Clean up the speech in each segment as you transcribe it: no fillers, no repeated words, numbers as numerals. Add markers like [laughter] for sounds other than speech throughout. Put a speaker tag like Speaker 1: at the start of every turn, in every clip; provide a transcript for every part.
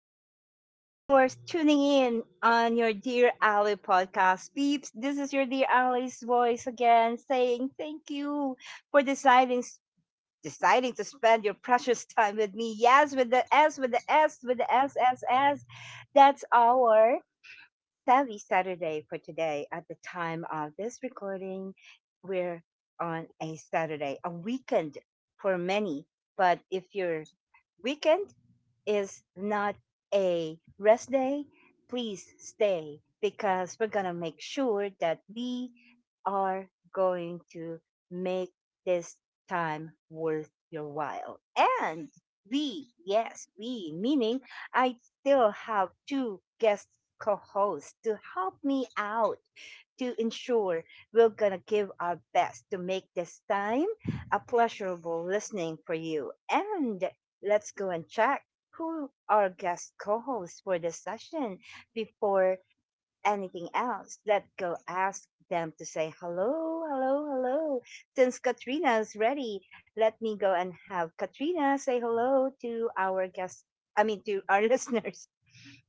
Speaker 1: Thank you for tuning in on your Dear Ally podcast. Peeps, this is your Dear Ally's voice again saying thank you for deciding to spend your precious time with me. Yes, with the S, with the S, with the S, S, S. That's our Savvy Saturday for today. At the time of this recording, we're on a Saturday, a weekend for many. But if your weekend is not a rest day, please stay because we're going to make sure that we are going to make this time worth your while. And we, yes, we, meaning I still have two guest co hosts to help me out to ensure we're going to give our best to make this time a pleasurable listening for you. And let's go and check who our guest co-hosts for the session. Before anything else, let go ask them to say hello, hello, hello. Since Katrina's ready, let me go and have Katrina say hello to our guests. I mean, to our [laughs] listeners.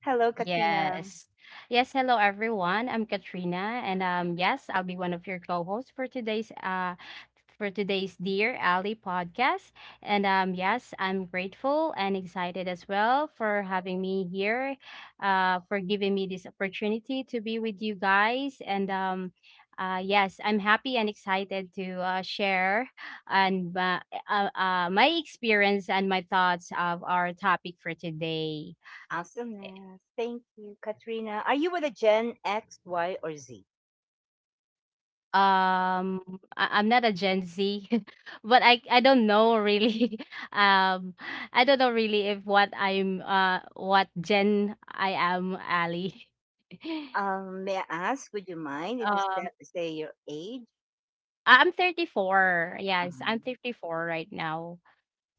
Speaker 1: Hello, Katrina.
Speaker 2: Yes. Yes, hello everyone. I'm Katrina and yes, I'll be one of your co-hosts for today's Dear Ally podcast. And yes, I'm grateful and excited as well for having me here, for giving me this opportunity to be with you guys and yes, I'm happy and excited to share and my experience and my thoughts of our topic for today.
Speaker 1: Awesomeness. Thank you, Katrina. Are you with a Gen X, Y, or Z?
Speaker 2: um I'm not a Gen Z, [laughs] but I don't know really. [laughs] Um, I don't know really if what I'm what Gen I am, Ali. [laughs]
Speaker 1: May I ask, would you mind if you
Speaker 2: Um,
Speaker 1: say your age?
Speaker 2: I'm 34. Yes, I'm
Speaker 1: Um,
Speaker 2: 34 right now.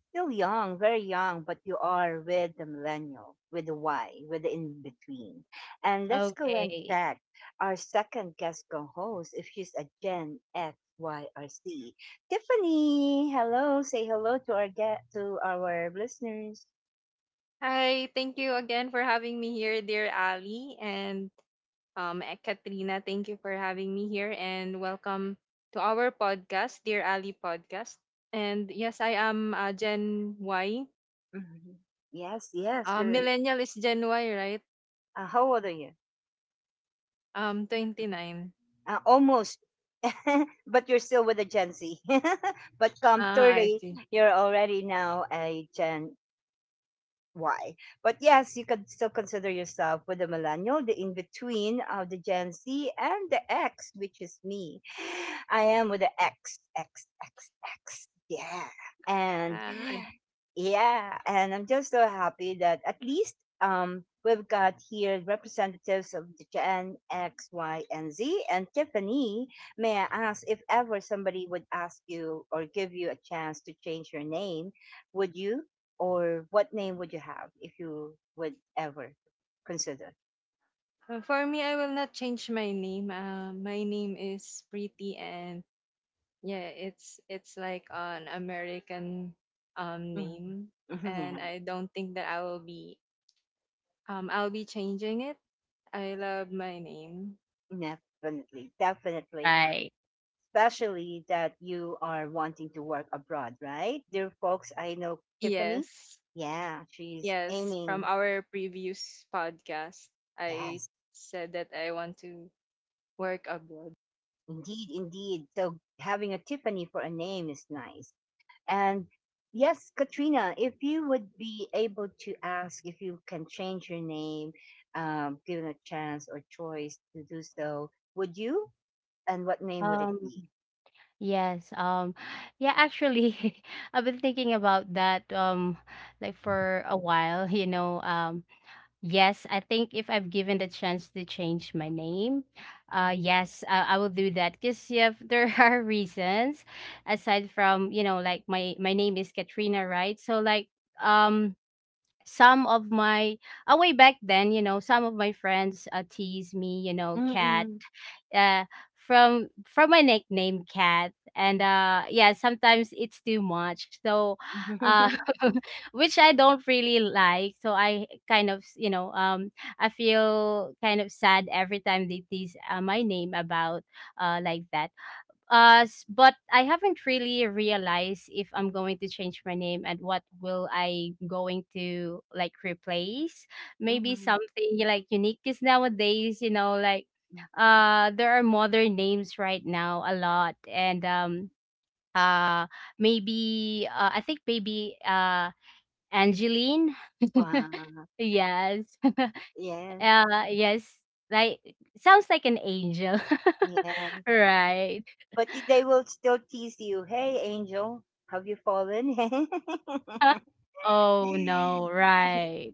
Speaker 1: Still young, very young, but you are with the millennial, with the Y, with the in between. And let's go and
Speaker 2: Okay,
Speaker 1: check our second guest co host if she's a Gen X, Y, or C. Tiffany, hello. Say hello to our get to our listeners.
Speaker 3: Hi, thank you again for having me here, dear Ali and Katrina. Thank you for having me here and welcome to our podcast, Dear Ali Podcast. And yes, I am Gen Y.
Speaker 1: Mhm. Yes, yes. You're
Speaker 3: Millennial is Gen Y, right?
Speaker 1: How old are you?
Speaker 3: 29.
Speaker 1: Almost, [laughs] but you're still with a Gen Z. [laughs] But come
Speaker 3: Ah, I
Speaker 1: 30,
Speaker 3: see.
Speaker 1: you're already now a Gen why. But yes, you could still consider yourself with the millennial, the in between of the Gen Z and the X, which is me. I am with the X, X, X, X. Yeah. And
Speaker 3: Ah, I-
Speaker 1: yeah, and I'm just so happy that at least we've got here representatives of the Gen X, Y, and Z. And Tiffany, may I ask if ever somebody would ask you or give you a chance to change your name, would you? Or what name would you have if you would ever consider?
Speaker 3: for me, I will not change my name. My name is Pretty and yeah, it's like an American
Speaker 1: Mhm.
Speaker 3: name, and
Speaker 1: [laughs]
Speaker 3: I don't think that I will be I'll be changing it. I love my name.
Speaker 1: Yeah, definitely, definitely.
Speaker 2: right.
Speaker 1: Especially that you are wanting to work abroad, right? Dear folks, I know Tiffany.
Speaker 3: Yes.
Speaker 1: Yeah, she's
Speaker 3: Yes, from
Speaker 1: aiming.
Speaker 3: our previous podcast, I
Speaker 1: Yes,
Speaker 3: said that I want to work abroad.
Speaker 1: indeed, indeed. So having a Tiffany for a name is nice. And yes, Katrina, if you would be able to ask if you can change your name, given a chance or choice to do so, would you? And what name would it
Speaker 2: Um,
Speaker 1: be?
Speaker 2: yes. Yeah. Actually, [laughs] I've been thinking about that. Like for a while, you know. Yes, I think if I'm given the chance to change my name, yes, I will do that. Because yeah, [laughs] there are reasons aside from you know, like my name is Katrina, right? So like, um, some of my way back then you know some of my friends tease me you know cat
Speaker 1: Mm-mm.
Speaker 2: uh, from my nickname cat and yeah sometimes it's too much so uh
Speaker 1: [laughs]
Speaker 2: [laughs] which I don't really like so I kind of you know I feel kind of sad every time they tease my name about like that, but I haven't really realized if I'm going to change my name and what will I going to like replace. Maybe
Speaker 1: Mm.
Speaker 2: something like unique because nowadays, you know, like there are modern names right now a lot, and uh, maybe I think maybe Angeline. [laughs]
Speaker 1: Wow.
Speaker 2: Yes, [laughs]
Speaker 1: Yes.
Speaker 2: yes, like sounds like an angel,
Speaker 1: Yes.
Speaker 2: [laughs] right?
Speaker 1: But they will still tease you. Hey, Angel, have you fallen?
Speaker 2: [laughs] Oh no,
Speaker 1: [laughs]
Speaker 2: right.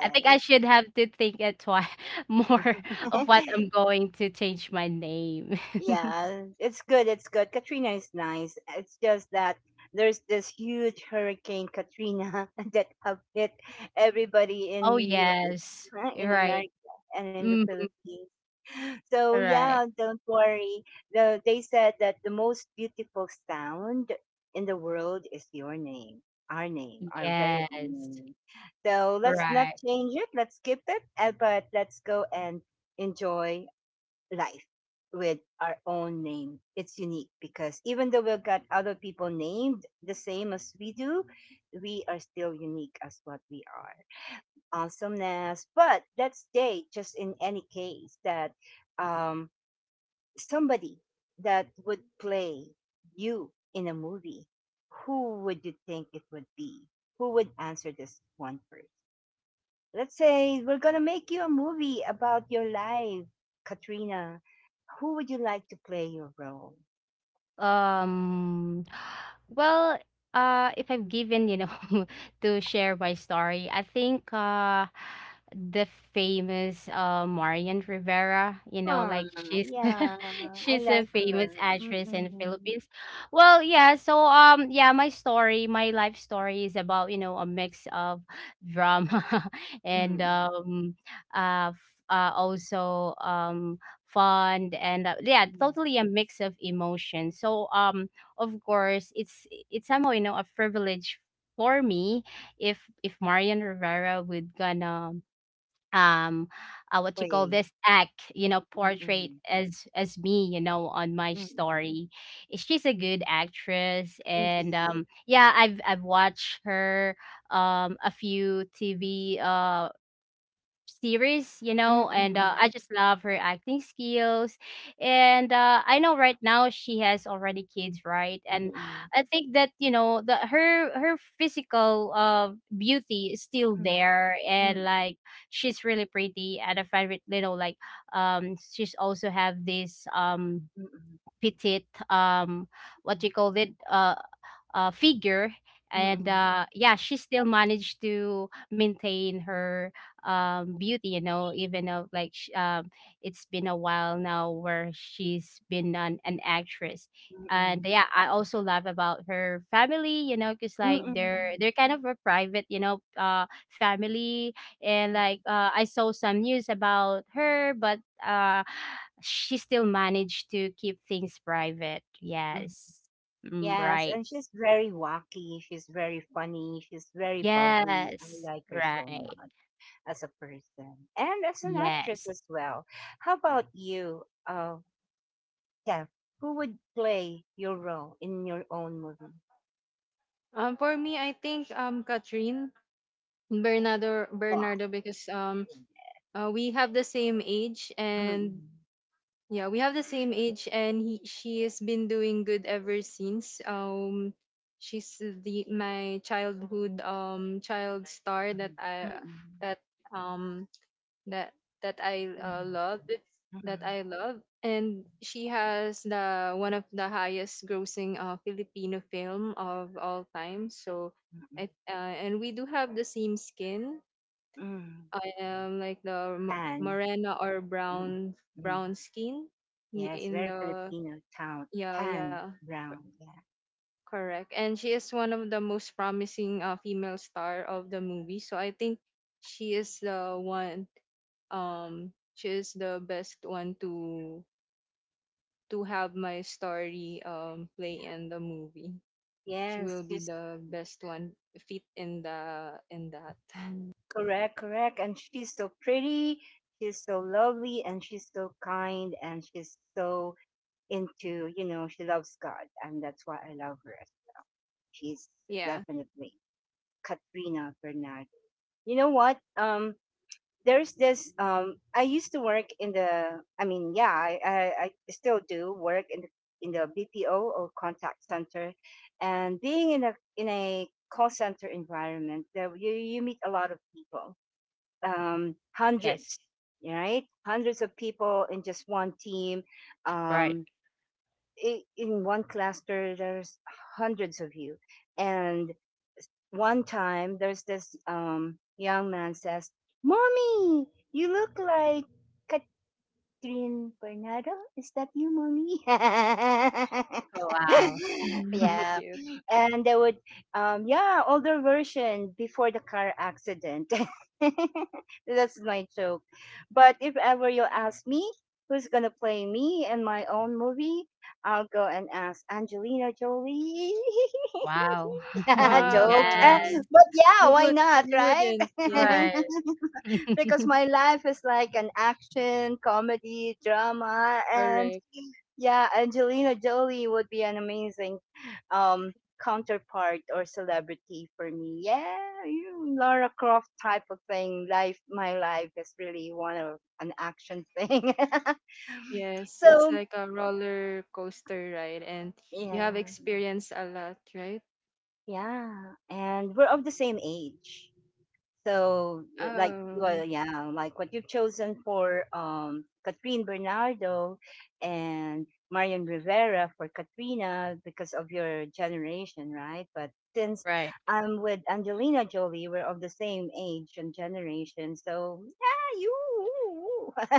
Speaker 2: I think I should have to think it twice [laughs] more of
Speaker 1: [laughs]
Speaker 2: what I'm going to change my name. [laughs]
Speaker 1: Yeah, it's good. It's good. Katrina is nice. It's just that there's this huge hurricane Katrina [laughs] that have hit everybody in
Speaker 2: Oh
Speaker 1: you
Speaker 2: yes, you're
Speaker 1: in
Speaker 2: right.
Speaker 1: America and in the
Speaker 2: Mm,
Speaker 1: Philippines. So
Speaker 2: right.
Speaker 1: yeah, don't worry. They said that the most beautiful sound in the world is your name, our very own
Speaker 2: Yes,
Speaker 1: name. So let's not
Speaker 2: right.
Speaker 1: change it. Let's skip it, but let's go and enjoy life with our own name. It's unique because even though we've got other people named the same as we do, we are still unique as what we are. Awesomeness. But let's say, just in any case, that um, somebody that would play you in a movie, who would you think it would be? Who would answer this one first? Let's say we're going to make you a movie about your life, Katrina, who would you like to play your role?
Speaker 2: Um, [gasps] [sighs] well, if I'm given, you know, [laughs] to share my story, I think the famous Marian Rivera, you know,
Speaker 1: Oh,
Speaker 2: like she's
Speaker 1: yeah,
Speaker 2: [laughs]
Speaker 1: I
Speaker 2: she's a
Speaker 1: like
Speaker 2: famous
Speaker 1: her.
Speaker 2: actress in the
Speaker 1: Mm-mm.
Speaker 2: Philippines. Well, yeah, so yeah, my story, my life story is about, you know, a mix of drama [laughs] and
Speaker 1: Mm-mm.
Speaker 2: um, uh, f- also fun and yeah totally a mix of emotions so of course it's somehow you know a privilege for me if Marian Rivera would gonna um what you call
Speaker 1: Play.
Speaker 2: this act you know portrait
Speaker 1: Mm-mm.
Speaker 2: as me you know on my
Speaker 1: Mm-mm.
Speaker 2: story. She's a good actress and
Speaker 1: Indeed.
Speaker 2: yeah I've watched her a few TV series, you know, and
Speaker 1: Mm-mm.
Speaker 2: I just love her acting skills. And I know right now she has already kids, right? And
Speaker 1: Mm-mm.
Speaker 2: I think that you know the her her physical beauty is still
Speaker 1: Mm.
Speaker 2: there, and
Speaker 1: Mm.
Speaker 2: like she's really pretty. And I find it, you know, like she's also have this
Speaker 1: Mm-mm.
Speaker 2: petite what do you call it figure and
Speaker 1: Mm-mm.
Speaker 2: yeah she still managed to maintain her beauty you know even though like it's been a while now where she's been an actress and
Speaker 1: Mm-mm.
Speaker 2: yeah I also love about her family you know because like they're
Speaker 1: Mm-mm.
Speaker 2: they're kind of a private you know family and like I saw some news about her but uh she still managed to keep things private.
Speaker 1: Mm.
Speaker 2: Yes. Mm,
Speaker 1: Yes,
Speaker 2: right.
Speaker 1: and she's very wacky. She's very funny. She's very bubbly. I
Speaker 2: Yes,
Speaker 1: like her so
Speaker 2: right.
Speaker 1: much as a person and as an actress
Speaker 2: Yes,
Speaker 1: as well. How about you? Yeah. Who would play your role in your own movie?
Speaker 3: For me, I think Katrine Bernardo
Speaker 1: Wow.
Speaker 3: Bernardo because we have the same age, and
Speaker 1: Mm-mm.
Speaker 3: yeah, we have the same age, and she has been doing good ever since. She's the my childhood child star that
Speaker 1: Mm-mm.
Speaker 3: I
Speaker 1: Mm-mm.
Speaker 3: that um that that I
Speaker 1: Mm-mm.
Speaker 3: love,
Speaker 1: Mm-mm.
Speaker 3: and she has the one of the highest grossing Filipino film of all time. So,
Speaker 1: Mm-mm.
Speaker 3: I, uh, and we do have the same skin.
Speaker 1: Mm.
Speaker 3: I am like the
Speaker 1: Tan.
Speaker 3: morena or
Speaker 1: Mm-mm. Mm.
Speaker 3: brown skin y-
Speaker 1: Yes,
Speaker 3: in
Speaker 1: very
Speaker 3: the
Speaker 1: Filipino town.
Speaker 3: yeah,
Speaker 1: Tan
Speaker 3: yeah,
Speaker 1: Brown. Yeah,
Speaker 3: correct. And she is one of the most promising female star of the movie, so I think she is the one, she is the best one to have my story play
Speaker 1: yeah.
Speaker 3: in the movie. She will
Speaker 1: Yes,
Speaker 3: be
Speaker 1: she's
Speaker 3: the best one fit in the in that. [laughs]
Speaker 1: correct, correct. And she's so pretty. She's so lovely, and she's so kind, and she's so into you know she loves God, and that's why I love her. She's
Speaker 3: Yeah.
Speaker 1: definitely Katrina Bernard. You know what? There's this. I used to work in the. I mean, yeah, I still do work in the BPO or contact center, and being in a call center environment, there you meet a lot of people,
Speaker 2: yes,
Speaker 1: hundreds, right? Hundreds of people in just one team.
Speaker 2: right.
Speaker 1: Um, in one cluster, there's hundreds of you, and one time there's this young man says, "Mommy, you look like Catherine Bernardo. Is that you, mommy?" [laughs]
Speaker 2: Oh, wow.
Speaker 3: [laughs]
Speaker 1: Yeah,
Speaker 2: [laughs]
Speaker 3: Cute.
Speaker 1: and they would, yeah, older version before the car accident. [laughs] That's my joke. But if ever you ask me who's gonna play me in my own movie, I'll go and ask Angelina Jolie. [laughs]
Speaker 2: Wow.
Speaker 1: [laughs]
Speaker 2: [laughs]
Speaker 3: Wow.
Speaker 1: Joke. [laughs]
Speaker 2: Yes,
Speaker 1: But yeah,
Speaker 3: We
Speaker 1: why
Speaker 3: would
Speaker 1: not,
Speaker 3: we
Speaker 1: right?
Speaker 3: wouldn't, yeah,
Speaker 2: right.
Speaker 1: [laughs] Because
Speaker 2: [laughs]
Speaker 1: my life is like an action comedy drama, and
Speaker 3: correct.
Speaker 1: yeah, Angelina Jolie would be an amazing um counterpart or celebrity for me. Yeah, you, Laura Croft type of thing life, my life is really one of an action thing.
Speaker 3: Yes,
Speaker 1: [laughs]
Speaker 3: it's
Speaker 1: So
Speaker 3: like a roller coaster ride, and you
Speaker 1: yeah,
Speaker 3: have experienced a lot, right?
Speaker 1: yeah, and we're of the same age. So, like,
Speaker 3: Oh,
Speaker 1: well, yeah, like what you've chosen for Catherine Bernardo and Marion Rivera for Katrina because of your generation, right? But since
Speaker 2: Right,
Speaker 1: I'm with Angelina Jolie, we're of the same age and generation. So, yeah, you,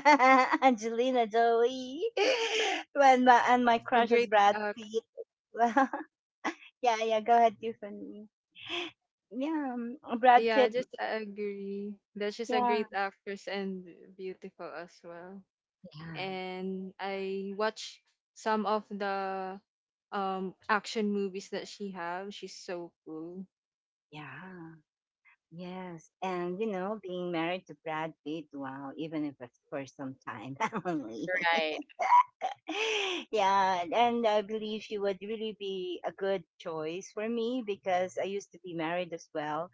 Speaker 1: [laughs] Angelina Jolie, [laughs] when my, and my
Speaker 3: so
Speaker 1: crush is
Speaker 3: great
Speaker 1: Brad
Speaker 3: act.
Speaker 1: Pitt. [laughs] Well, yeah, yeah, go ahead, Tiffany. Yeah, Brad
Speaker 3: Yeah, I
Speaker 1: Pitt.
Speaker 3: just agree that she's a
Speaker 1: Yeah,
Speaker 3: great actress and beautiful as well.
Speaker 1: yeah,
Speaker 3: And I watch some of the action movies that she have. She's so cool.
Speaker 1: yeah, yes. And you know, being married to Brad Pitt, wow, even if it's for some time [laughs] only.
Speaker 2: right,
Speaker 1: [laughs] Yeah, and I believe she would really be a good choice for me because I used to be married as well.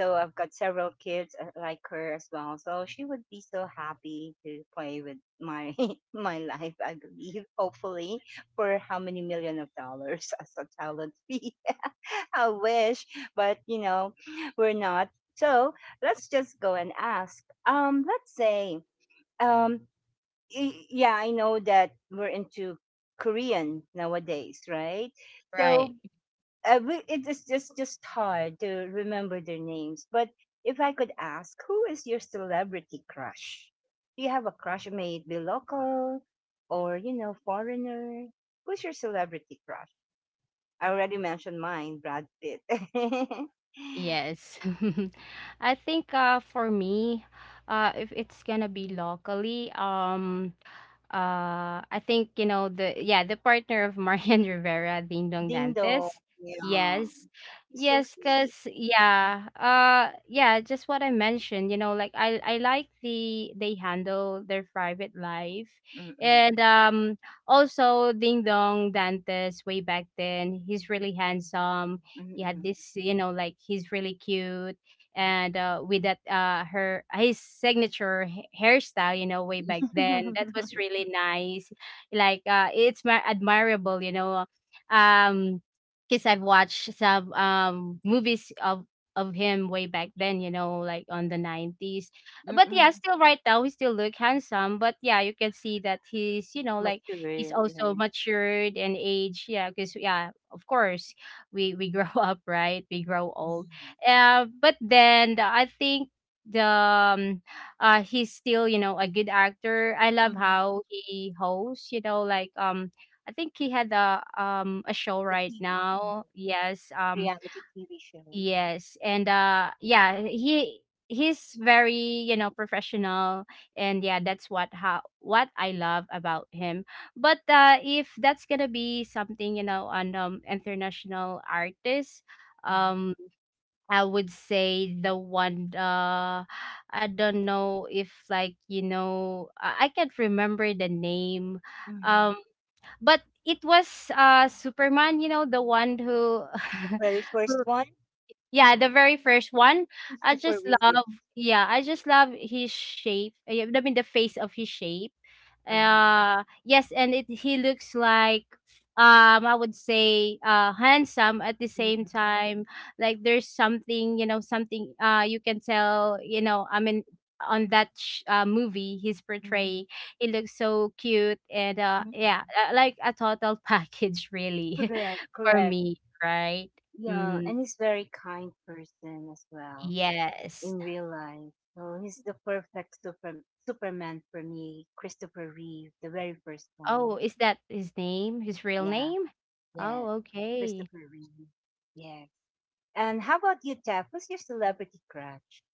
Speaker 1: So I've got several kids like her as well. So she would be so happy to play with my [laughs] my life, I believe, hopefully, for how many million of dollars [laughs] as a talent fee. [laughs] I wish, but you know, we're not. So let's just go and ask. Um, yeah, I know that we're into Korean nowadays, right? So
Speaker 2: right.
Speaker 1: we, it is just hard to remember their names. But if I could ask, who is your celebrity crush? Do you have a crush? May it be local or you know foreigner? Who's your celebrity crush? I already mentioned mine, Brad Pitt. [laughs]
Speaker 2: Yes. [laughs] I think for me, if it's gonna be locally, I think you know the yeah the partner of Marian [laughs] Rivera, Ding Dong
Speaker 1: Ding dong,
Speaker 2: Dantes.
Speaker 1: yeah.
Speaker 2: Yes,
Speaker 1: He's so
Speaker 2: yes,
Speaker 1: sweet.
Speaker 2: cause yeah, yeah, just what I mentioned. You know, like I like they handle their private life,
Speaker 1: Mm-mm.
Speaker 2: and also Ding Dong Dantes way back then he's really handsome. He had
Speaker 1: Mm-mm.
Speaker 2: this you know like he's really cute and with that her his signature hairstyle you know way back then that was
Speaker 1: [laughs]
Speaker 2: really nice like it's admirable you know. um because I've watched some movies of him way back then you know like on the 90s but yeah
Speaker 1: Mm-mm.
Speaker 2: still right now he still look handsome but yeah you can see that he's you know like he's
Speaker 1: Matured, yeah.
Speaker 2: also matured and age yeah because yeah of course we grow [laughs] up right we grow old.
Speaker 1: Mhm.
Speaker 2: But then I think the he's still you know a good actor. I love
Speaker 1: Mhm.
Speaker 2: how he hosts. You know, like I think he had a a show
Speaker 1: The
Speaker 2: right
Speaker 1: TV, mhm.
Speaker 2: now. Yes,
Speaker 1: Reality TV show, yeah.
Speaker 2: yes, and yeah he. He's very, you know, professional, and yeah, that's what how what I love about him. But if that's gonna be something, you know, on international artists,
Speaker 1: Mhm.
Speaker 2: um I would say the one I don't know if like you know I can't remember the name.
Speaker 1: Mhm.
Speaker 2: um but it was Superman you know the one who
Speaker 1: The
Speaker 2: [laughs]
Speaker 1: very
Speaker 2: who
Speaker 1: first one,
Speaker 2: yeah the very first one. I
Speaker 1: Christopher
Speaker 2: just love
Speaker 1: Reeves.
Speaker 2: yeah I just love his shape. I mean the face of his shape
Speaker 1: Uh-huh.
Speaker 2: yes and it he looks like I would say handsome at the same
Speaker 1: Mm-mm.
Speaker 2: time like there's something you know something you can tell you know I mean on that movie he's
Speaker 1: Mm.
Speaker 2: portraying he looks so cute and yeah
Speaker 1: Mhm.
Speaker 2: like a total [laughs] package really
Speaker 1: Correct,
Speaker 2: [laughs] for
Speaker 1: correct.
Speaker 2: me right.
Speaker 1: Yeah,
Speaker 2: Mm,
Speaker 1: and he's very kind person as well.
Speaker 2: yes.
Speaker 1: In real life. So he's the perfect super, Superman for me. Christopher Reeve, the very first
Speaker 2: Oh
Speaker 1: one.
Speaker 2: is that his name his real
Speaker 1: Yeah,
Speaker 2: name. Oh
Speaker 1: yes.
Speaker 2: okay.
Speaker 1: Christopher Reeve. Yes. And how about you, Jeff? Who's your celebrity crush?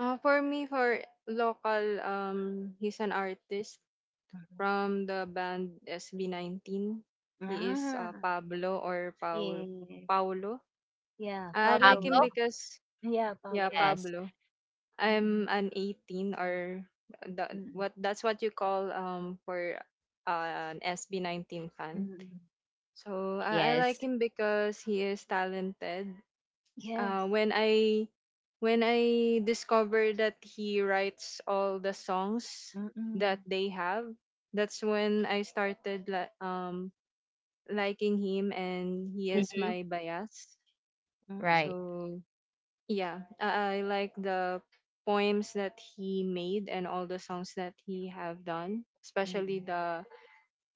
Speaker 3: For me, for local, he's an artist
Speaker 1: Mhm.
Speaker 3: from the band SB19. He is
Speaker 1: Ah,
Speaker 3: Pablo or
Speaker 1: yes.
Speaker 3: Paulo.
Speaker 1: Yeah,
Speaker 3: I like
Speaker 2: Pablo.
Speaker 3: him
Speaker 1: Pablo.
Speaker 3: because
Speaker 1: Yeah,
Speaker 3: yeah,
Speaker 1: Pablo.
Speaker 2: Yes.
Speaker 3: Pablo. I'm
Speaker 1: Mm-mm.
Speaker 3: an 18, or the,
Speaker 1: Mm-mm.
Speaker 3: what, that's what you call for an SB19 fan.
Speaker 1: Mm-mm.
Speaker 3: So I like
Speaker 2: Yes.
Speaker 3: him because he is talented. Uh,
Speaker 1: Yes.
Speaker 3: when I when I discovered that he writes all the songs that
Speaker 1: Mm-mm.
Speaker 3: they have, that's when I started liking him, and he is
Speaker 2: Mhm.
Speaker 3: my bias.
Speaker 2: Right.
Speaker 1: Mm-mm.
Speaker 3: So yeah, I like the poems that he made and all the songs that he have done, especially
Speaker 1: Mm-mm.
Speaker 3: The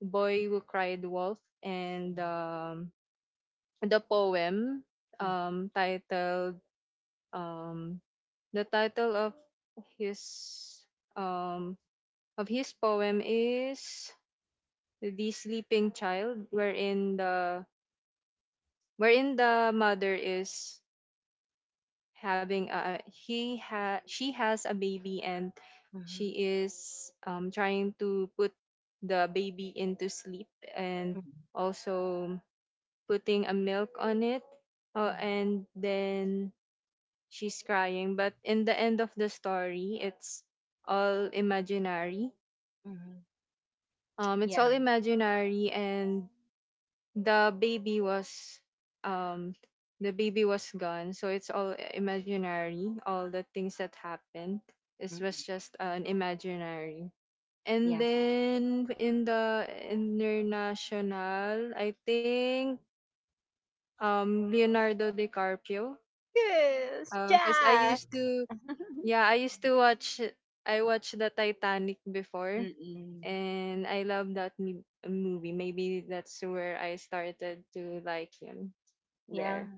Speaker 3: Boy Who Cried Wolf, and the poem
Speaker 1: Mm-mm.
Speaker 3: titled um, the title his um, of his poem is The Sleeping Child, wherein the mother is having a he ha she has a baby and she
Speaker 1: Mm-mm.
Speaker 3: is trying to put the baby into sleep and
Speaker 1: Mm-mm.
Speaker 3: also putting a milk on it, and then she's crying, but in the end of the story it's all imaginary.
Speaker 1: Mm-mm.
Speaker 3: It's
Speaker 1: Yeah.
Speaker 3: all imaginary, and the baby was um the baby was gone, so it's all imaginary. All the things that happened, it was
Speaker 1: Mm-mm.
Speaker 3: just an imaginary. And
Speaker 1: Yeah.
Speaker 3: then in the international, I think Leonardo DiCaprio,
Speaker 1: Yes,
Speaker 3: because I
Speaker 1: Jack.
Speaker 3: used to,
Speaker 1: [laughs]
Speaker 3: yeah, I used to watch, I watched the Titanic before,
Speaker 1: Mm-mm.
Speaker 3: and I love that movie. Maybe that's where I started to like him
Speaker 1: Yeah,
Speaker 3: there.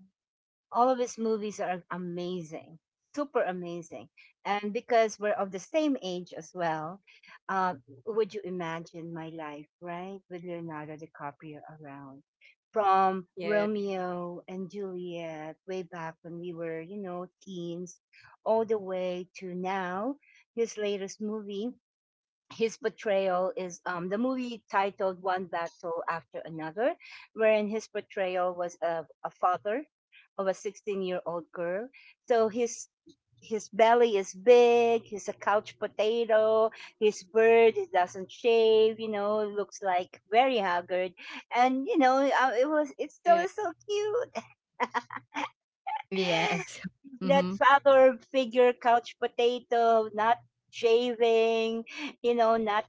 Speaker 1: all of his movies are amazing, super amazing. And because we're of the same age as well, uh, would you imagine my life, right? With Leonardo DiCaprio around. From
Speaker 3: Yeah,
Speaker 1: Romeo and Juliet, way back when we were, you know, teens, all the way to now, his latest movie. His portrayal is the movie titled One Battle After Another, wherein his portrayal was of a father of a 16-year-old year old girl. So his belly is big, he's a couch potato, he's bird, he doesn't shave, you know, looks like very haggard. And, you know, it was, it still
Speaker 3: yeah,
Speaker 1: is so cute.
Speaker 2: Yes. [laughs]
Speaker 1: That
Speaker 2: Mhm.
Speaker 1: father figure, couch potato, not shaving, you know, not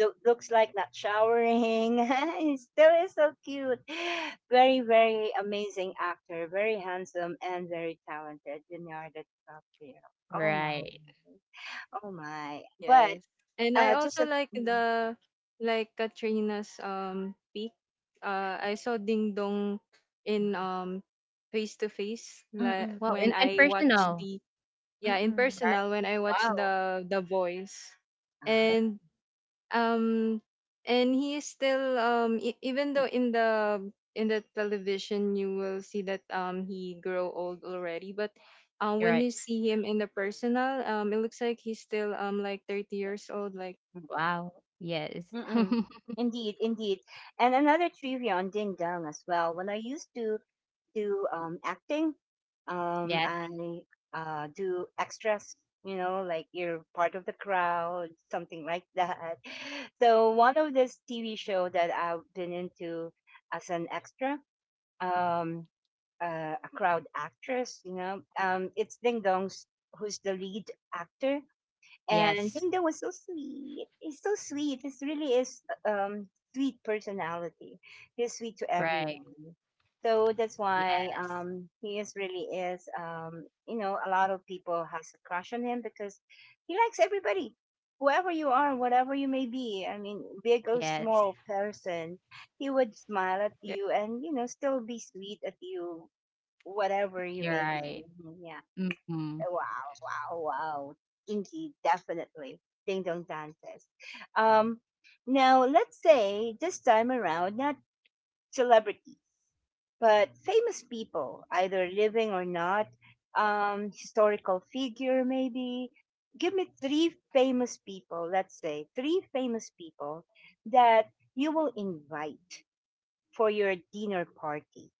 Speaker 1: look, looks like not showering. [laughs] He still is so cute. [gasps] Very, very amazing actor. Very handsome and very talented. Leonardo DiCaprio. Oh my.
Speaker 2: Right.
Speaker 1: Oh my. But
Speaker 3: yes. And I
Speaker 1: just
Speaker 3: also
Speaker 1: a.
Speaker 3: like
Speaker 1: Mm.
Speaker 3: the like Katrina's peak. I saw Ding Dong in face to face like
Speaker 1: Mm-mm.
Speaker 2: Well,
Speaker 3: when
Speaker 2: and
Speaker 3: I watched
Speaker 2: personal,
Speaker 3: the yeah in
Speaker 1: Mm-mm.
Speaker 2: right?
Speaker 3: personal, when I watched
Speaker 2: Wow.
Speaker 3: the Voice,
Speaker 1: Ah,
Speaker 3: and um he is still even though in the television you will see that he grow old already, but
Speaker 2: You're
Speaker 3: when
Speaker 2: right.
Speaker 3: you see him in the personal, it looks like he's still like 30 years old like
Speaker 1: mm-mm.
Speaker 2: Wow. Yes.
Speaker 1: Mm-mm.
Speaker 2: [laughs]
Speaker 1: Indeed, indeed. And another trivia on Ding Dong as well. When I used to do acting.
Speaker 2: yes.
Speaker 1: I Do extras, you know, like you're part of the crowd, something like that. [laughs] So one of this TV show that I've been into as an extra, um, a crowd actress, you know, it's Ding Dong's who's the lead actor. And
Speaker 2: Yes.
Speaker 1: Linda was so sweet. He's so sweet. This really is uh, um sweet personality. He's sweet to
Speaker 2: Right.
Speaker 1: everyone. So that's why
Speaker 2: Yes.
Speaker 1: he is really is you know a lot of people has a crush on him because he likes everybody. Whoever you are, whatever you may be, I mean, big or
Speaker 2: Yes.
Speaker 1: small person, he would smile at
Speaker 3: yeah
Speaker 1: you and you know still be sweet at you, whatever you
Speaker 2: You're
Speaker 1: may be.
Speaker 2: right.
Speaker 1: Mhm, yeah.
Speaker 2: Hmm.
Speaker 1: Wow, wow, wow. Indeed, definitely. Ding dong dances. Um, now, let's say this time around, not celebrities, but famous people, either living or not, historical figure maybe. Give me three famous people, let's say, three famous people that you will invite for your dinner party.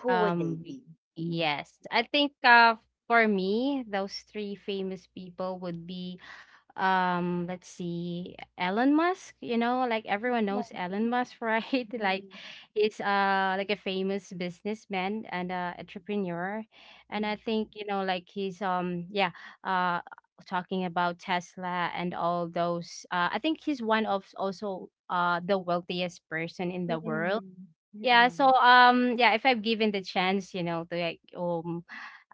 Speaker 1: Who would they
Speaker 2: Um.
Speaker 1: be?
Speaker 2: Yes. I think for me, those three famous people would be let's see Elon Musk you know like everyone knows Elon Musk right [laughs] like
Speaker 1: Mm,
Speaker 2: he's like a famous businessman and entrepreneur and I think you know like he's yeah uh talking about Tesla and all those I think he's one of also the wealthiest person in
Speaker 1: mm,
Speaker 2: the world.
Speaker 1: mm,
Speaker 2: Yeah so
Speaker 1: mm.
Speaker 2: yeah if I'm given the chance you know to like um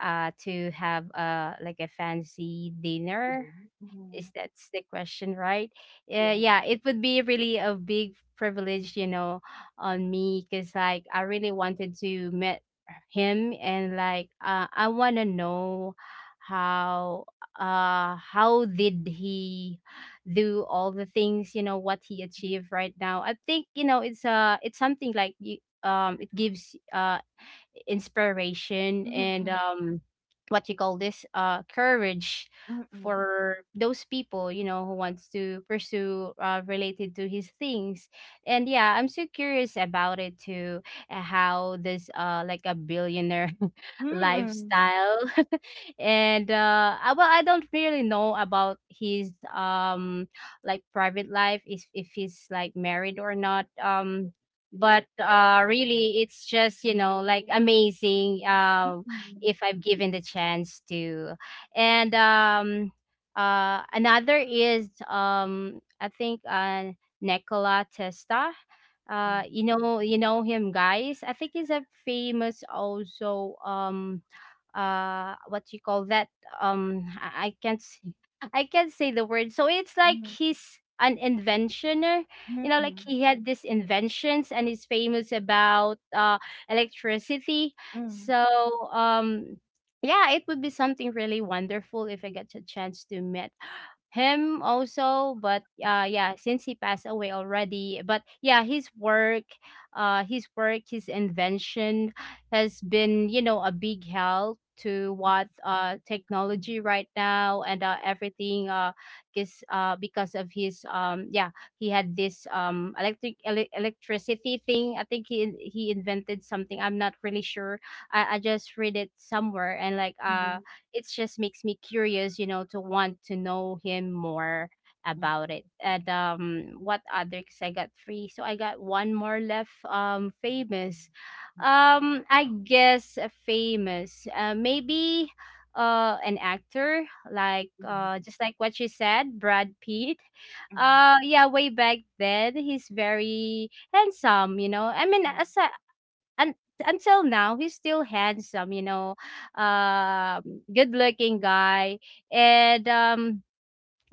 Speaker 2: uh to have like a fancy dinner
Speaker 1: Mhm,
Speaker 2: is
Speaker 1: mhm.
Speaker 2: that's the question, right? Yeah,
Speaker 1: Yes.
Speaker 2: yeah, it would be really a big privilege, you know, on me because like I really wanted to meet him and like I want to know how how did he do all the things you know what he achieved right now. I think you know it's something like you it gives inspiration and
Speaker 1: Mm,
Speaker 2: what you call this courage
Speaker 1: mm, mm,
Speaker 2: for those people you know who wants to pursue related to his things. And yeah I'm so curious about it too. How this like a billionaire [laughs]
Speaker 1: mm,
Speaker 2: lifestyle. [laughs] And I, well I don't really know about his like private life if he's like married or not but really it's just you know like amazing.
Speaker 1: Mm,
Speaker 2: If I'm given the chance to. And another is I think Nicola Testa. You know you know him guys. I think he's a famous also what you call that I can't say [laughs] I can't say the word. So it's like he's an inventioner,
Speaker 1: mm,
Speaker 2: you know, like
Speaker 1: mhm,
Speaker 2: he had these inventions and he's famous about electricity.
Speaker 1: mm, mm,
Speaker 2: So um yeah, it would be something really wonderful if I get a chance to meet him also but yeah since he passed away already but yeah his work his work his invention has been, you know, a big help to what technology right now and everything is because of his yeah he had this electricity thing. I think he invented something I'm not really sure. I just read it somewhere and like
Speaker 1: mm, mm,
Speaker 2: it just makes me curious you know to want to know him more
Speaker 1: mhm, mhm,
Speaker 2: about it. And what other because I got three so I got one more left. Famous I guess famous. Maybe an actor like
Speaker 1: mhm, mhm, mhm,
Speaker 2: just like what you said, Brad Pitt.
Speaker 1: mhm,
Speaker 2: Yeah, way back then he's very handsome, you know. I mean
Speaker 1: mhm.
Speaker 2: as a, un, until now he's still handsome, you know. Good-looking guy and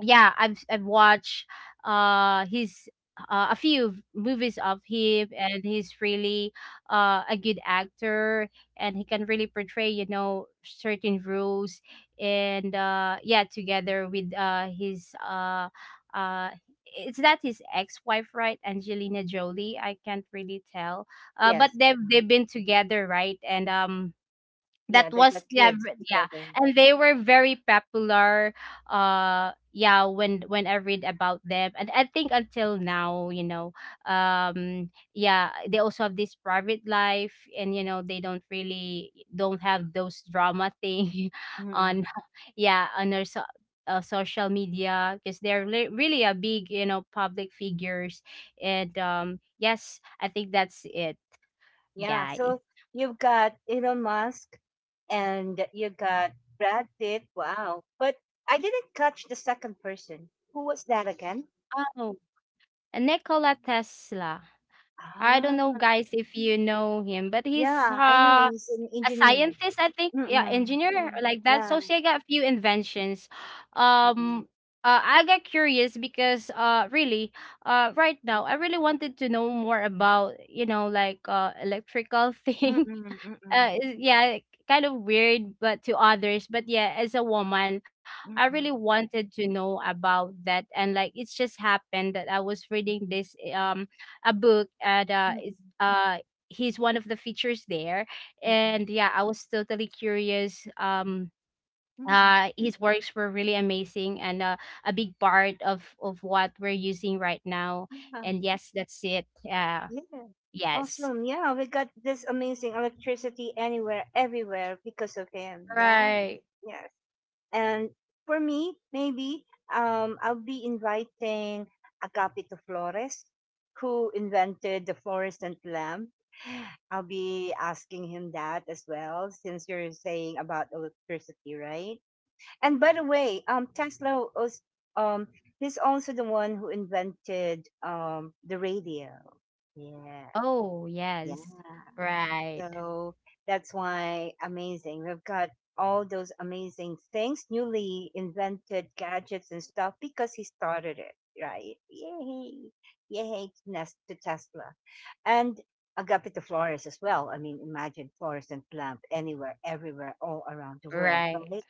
Speaker 2: yeah I've watched his a few movies of him and he's really a good actor and he can really portray you know certain roles and yeah together with his uh it's that his ex-wife right Angelina Jolie I can't really tell. But
Speaker 1: Yes.
Speaker 2: they've
Speaker 1: Mhm.
Speaker 2: they've been together right and that
Speaker 1: Yeah, they got
Speaker 2: was
Speaker 1: kids
Speaker 2: yeah.
Speaker 1: together.
Speaker 2: And they were very popular when I read about them. And I think until now, you know, yeah, they also have this private life, and you know, they don't really don't have those drama thing [laughs] on
Speaker 1: Mhm.
Speaker 2: [laughs] yeah, on their social media because they're really a big, you know, public figures. And yes, I think that's it,
Speaker 1: Yeah,
Speaker 2: guys.
Speaker 1: so you've got Elon Musk and you got Brad Pitt. Wow. But I didn't catch the second person. Who was that again?
Speaker 2: Oh, Nikola Tesla. I don't
Speaker 1: Ah.
Speaker 2: know, guys, if you know him, but he's
Speaker 1: Yeah, I know he's an
Speaker 2: a
Speaker 1: engineer.
Speaker 2: scientist, I think. Yeah,
Speaker 1: Mm-mm.
Speaker 2: engineer
Speaker 1: Yeah.
Speaker 2: or like that.
Speaker 1: Yeah.
Speaker 2: So she got a few inventions.
Speaker 1: Mm-mm.
Speaker 2: Um, I got curious because really, right now I really wanted to know more about you know like electrical [laughs] thing uh
Speaker 1: Mm-mm.
Speaker 2: is- yeah kind of weird but to others, but yeah, as a woman, I
Speaker 1: Mm-mm.
Speaker 2: really
Speaker 1: Mm-mm.
Speaker 2: wanted to know about that. And like, it's just happened that I was reading this a book, and
Speaker 1: Mm-mm.
Speaker 2: it's
Speaker 1: Mm-mm.
Speaker 2: he's one of the features there,
Speaker 1: Mm-mm.
Speaker 2: and yeah, I was totally curious.
Speaker 1: Mm-mm.
Speaker 2: His works were really amazing, and a big part of what we're using right now.
Speaker 1: Yeah.
Speaker 2: And yes, that's it, yeah,
Speaker 1: Yeah.
Speaker 2: yes,
Speaker 1: Awesome. Yeah, we got this amazing electricity anywhere, everywhere because of him. Yeah.
Speaker 2: right.
Speaker 1: Yes. And for me, maybe I'll be inviting Agapito Flores, who invented the fluorescent lamp. I'll be asking him that as well, since you're saying about electricity, right? And by the way, Tesla was, um, he's also the one who invented the radio. Yeah,
Speaker 2: Oh,
Speaker 1: yeah.
Speaker 2: yes. Right.
Speaker 1: So that's why amazing. We've got all those amazing things, newly invented gadgets and stuff because he started it, right? Yay. Yay to Tesla. And Agapito Flores as well. I mean, imagine Flores and Plump anywhere, everywhere, all around the world,
Speaker 2: Right.
Speaker 1: right?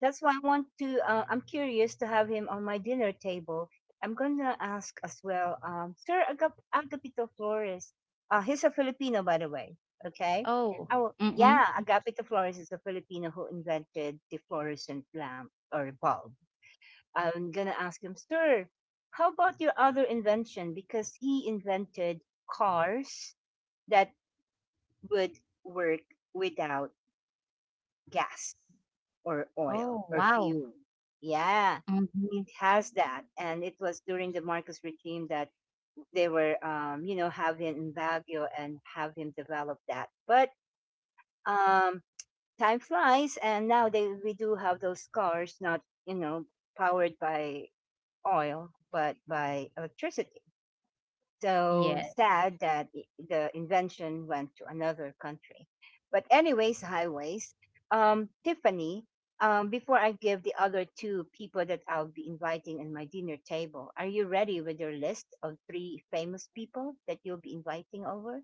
Speaker 1: That's why I want to. I'm curious to have him on my dinner table. I'm gonna ask as well, Sir Agapito Flores. He's a Filipino, by the way. Okay.
Speaker 2: Oh.
Speaker 1: Oh
Speaker 2: Mm-mm.
Speaker 1: yeah, Agapito Flores is a Filipino who invented the fluorescent lamp or bulb. I'm gonna ask him, Sir, how about your other invention? Because he invented cars that would work without gas or oil
Speaker 2: Oh,
Speaker 1: or
Speaker 2: wow.
Speaker 1: fuel. Yeah,
Speaker 2: Mm,
Speaker 1: it
Speaker 2: mhm.
Speaker 1: has that. And it was during the Marcos regime that they were, having Baguio and have him develop that. But um, time flies, and now we do have those cars, not powered by oil, but by electricity. So
Speaker 2: Yeah.
Speaker 1: sad that the invention went to another country. But anyways, highways. Tiffany, before I give the other two people that I'll be inviting in my dinner table, are you ready with your list of three famous people that you'll be inviting over?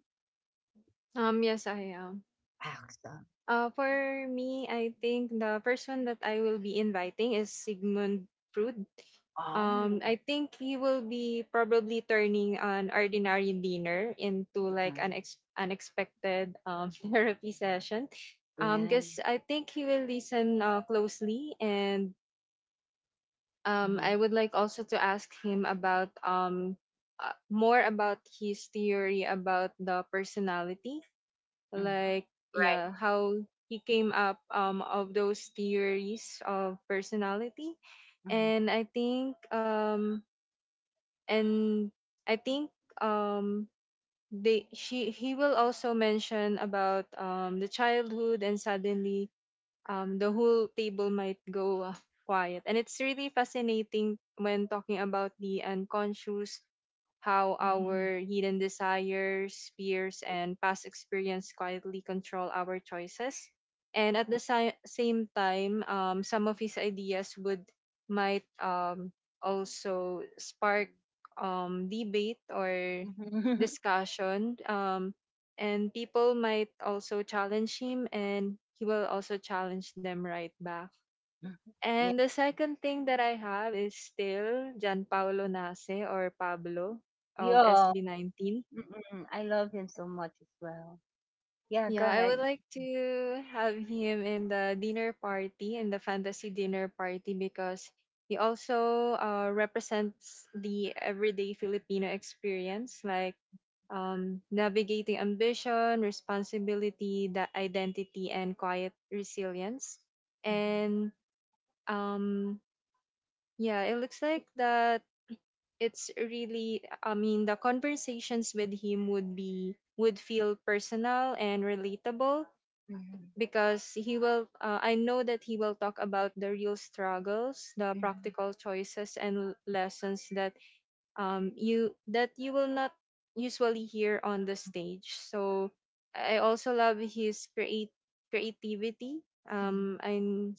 Speaker 3: yes I am.
Speaker 1: Awesome.
Speaker 3: For me, I think the first one that I will be inviting is Sigmund Freud.
Speaker 1: Oh,
Speaker 3: I think he will be probably turning an ordinary dinner into like an
Speaker 1: mhm.
Speaker 3: unexpected [laughs] therapy session.
Speaker 1: Yeah.
Speaker 3: Because I think he will listen closely, and I
Speaker 1: Mhm,
Speaker 3: would like also to ask him about more about his theory about the personality,
Speaker 1: mhm,
Speaker 3: like
Speaker 2: Right,
Speaker 3: yeah, how he came up of those theories of personality.
Speaker 1: mhm,
Speaker 3: And I think and I think um they she he will also mention about the childhood, and suddenly, the whole table might go quiet. And it's really fascinating when talking about the unconscious, how
Speaker 1: mhm,
Speaker 3: our hidden desires, fears, and past experience quietly control our choices. And at the same time, some of his ideas would might also spark debate or
Speaker 1: mhm. [laughs]
Speaker 3: discussion. And people might also challenge him, and he will also challenge them right back.
Speaker 1: Yeah.
Speaker 3: And the second thing that I have is still Gianpaolo Nase, or Pablo of
Speaker 1: Yeah.
Speaker 3: SB19.
Speaker 1: Mm-mm. I love him so much as well. Yeah, go
Speaker 3: Yeah, I
Speaker 1: ahead.
Speaker 3: would like to have him in the dinner party, in the fantasy dinner party, because he also represents the everyday Filipino experience, like navigating ambition, responsibility, that identity, and quiet resilience.
Speaker 1: Mhm.
Speaker 3: And um, yeah, it looks like that it's really. I mean, the conversations with him would be would feel personal and relatable,
Speaker 1: Mhm,
Speaker 3: because he will. I know that he will talk about the real struggles, the
Speaker 1: mhm,
Speaker 3: practical choices, and lessons that you that you will not usually hear on the stage. So I also love his create creativity.
Speaker 1: mhm.
Speaker 3: And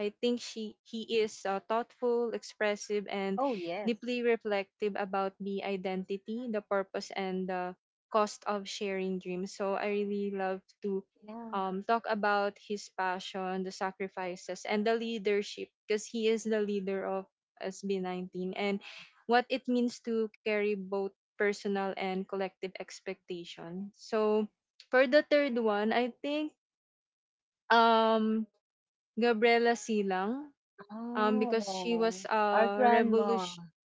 Speaker 3: I think she he is thoughtful, expressive, and
Speaker 1: Oh, yes.
Speaker 3: deeply reflective about the identity, the purpose, and the cost of sharing dreams. So I really love to
Speaker 1: Yeah.
Speaker 3: talk about his passion, the sacrifices, and the leadership, because he is the leader of SB19, and what it means to carry both personal and collective expectation. So, for the third one, I think um Gabriela Silang, because she was
Speaker 1: Oh,
Speaker 3: a
Speaker 1: our grandma.
Speaker 3: revolution.
Speaker 1: [laughs]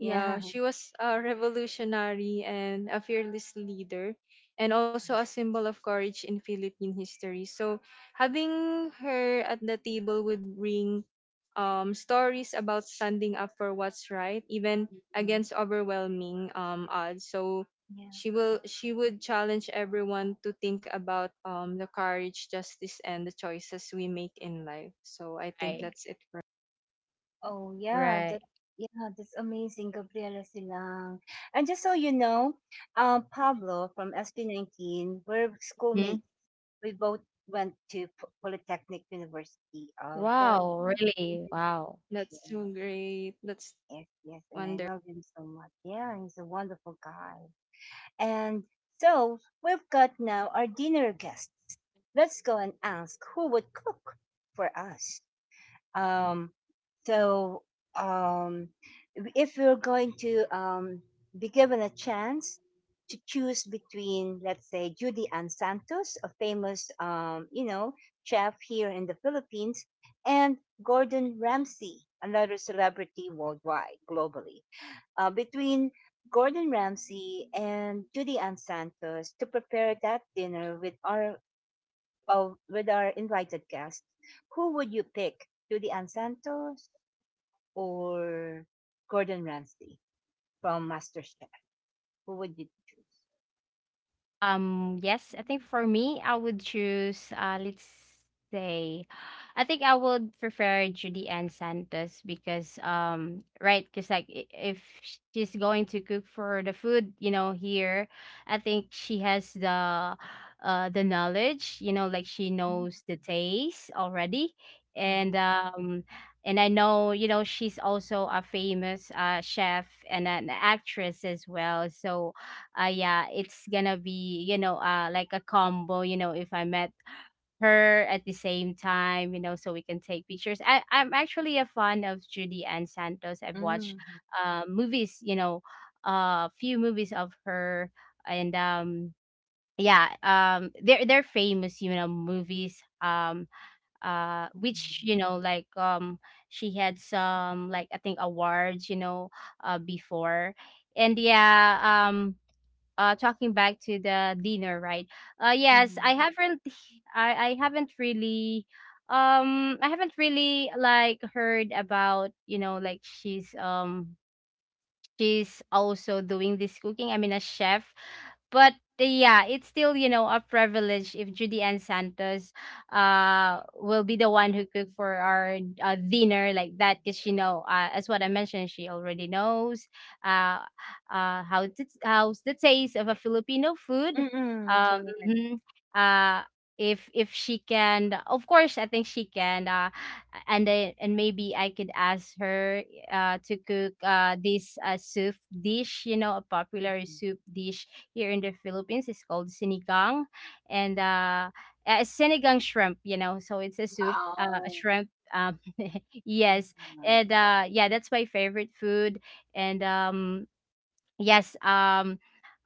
Speaker 3: Yeah,
Speaker 1: Yeah.
Speaker 3: she was a revolutionary and a fearless leader, and also a symbol of courage in Philippine history. So, having her at the table would bring stories about standing up for what's right, even
Speaker 1: Mm,
Speaker 3: against overwhelming odds. So,
Speaker 1: Yeah.
Speaker 3: she would challenge everyone to think about the courage, justice, and the choices we make in life. So, I think
Speaker 2: right,
Speaker 3: that's it for.
Speaker 1: Oh, yeah.
Speaker 2: right.
Speaker 1: That Yeah, that's amazing, Gabriela Silang. And just so you know, Pablo from sp 19 we're
Speaker 2: Mhm.
Speaker 1: schoolmates. We both went to Polytechnic University of the
Speaker 2: Wow,
Speaker 1: Philippines.
Speaker 2: really? Wow.
Speaker 3: That's so
Speaker 1: Yes,
Speaker 3: great. That's
Speaker 1: yes, yes. And
Speaker 3: wonderful.
Speaker 1: I love him so much. Yeah, he's a wonderful guy. And so we've got now our dinner guests. Let's go and ask who would cook for us. Um, so, um, if we're going to, be given a chance to choose between, let's say, Judy Ann Santos, a famous, chef here in the Philippines, and Gordon Ramsay, another celebrity worldwide, globally, between Gordon Ramsay and Judy Ann Santos to prepare that dinner with our of with our invited guests, who would you pick, Judy Ann Santos or Gordon Ramsay from MasterChef? Who would you choose?
Speaker 2: Yes, I think for me, I would choose, let's say, I think I would prefer Judy Ann Santos because, right, because like if she's going to cook for the food, you know, here, I think she has the knowledge, you know, like she knows the taste already. And
Speaker 1: Mm-hmm.
Speaker 2: um and I know, you know, she's also a famous chef and an actress as well. So yeah, it's gonna be, you know, like a combo, you know, if I met her at the same time, you know, so we can take pictures. I'm actually a fan of Judy Ann Santos. I've watched
Speaker 1: Mm-hmm.
Speaker 2: movies, you know, a few movies of her. And yeah, they're famous, you know, movies, which, you know, like, she had some, like, I think awards, you know, before. And yeah, um talking back to the dinner, right, yes, I haven't [sighs] [laughs] I haven't really, I haven't really like heard about, you know, like, she's also doing this cooking. I mean, a chef. But yeah, it's still, you know, a privilege if Judy Ann Santos will be the one who cook for our dinner like that, because she know, as what I mentioned, she already knows uh how to, how's the taste of a Filipino food.
Speaker 1: Mm-hmm.
Speaker 2: Um,
Speaker 1: Correct.
Speaker 2: mhm. uh if she can, of course, I think she can. And maybe I could ask her to cook this, soup dish. You know, a popular soup dish here in the Philippines is called sinigang, and sinigang shrimp. You know, so it's a soup, a
Speaker 1: Wow.
Speaker 2: shrimp. [laughs] Yes,
Speaker 1: Yeah.
Speaker 2: and yeah, that's my favorite food. And yes,